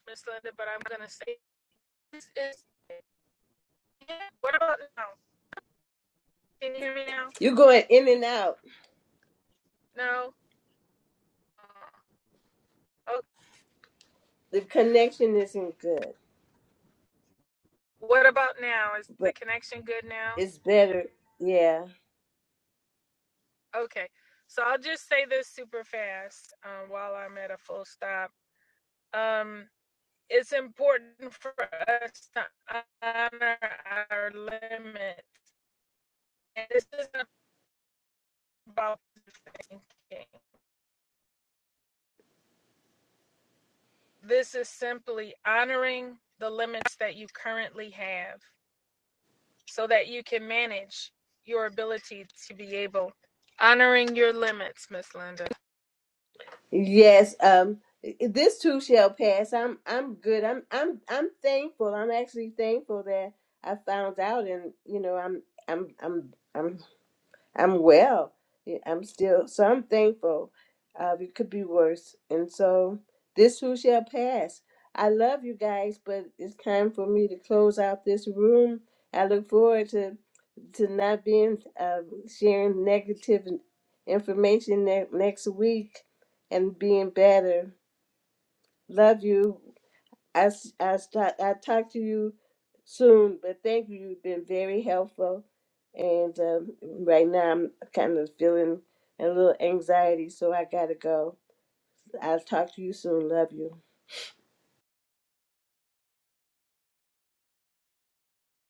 C: misleading, but I'm gonna say this is. yeah, What about now? Can you hear me now?
A: You're going in and out.
C: No. Uh, Oh,
A: The connection isn't good,
C: what about now? Is the
A: but
C: connection good now?
A: it's better. Yeah
C: Okay. So I'll just say this super fast um, while I'm at a full stop. Um, it's important for us to honor our limits. And this isn't about thinking. This is simply honoring the limits that you currently have so that you can manage your ability to be able. Honoring your limits, Miss Linda.
A: Yes, um this too shall pass. I'm I'm good. I'm I'm I'm thankful. I'm actually thankful that I found out and you know, I'm I'm I'm I'm I'm well. Yeah, I'm still so I'm thankful. Uh, it could be worse, and so this too shall pass. I love you guys, but it's time for me to close out this room. I look forward to to not being uh, sharing negative information ne- next week and being better. Love you. I, s- I, start, I talk to you soon, but thank you. You've been very helpful. And um, right now, I'm kind of feeling a little anxiety, so I got to go. I'll talk to you soon. Love you.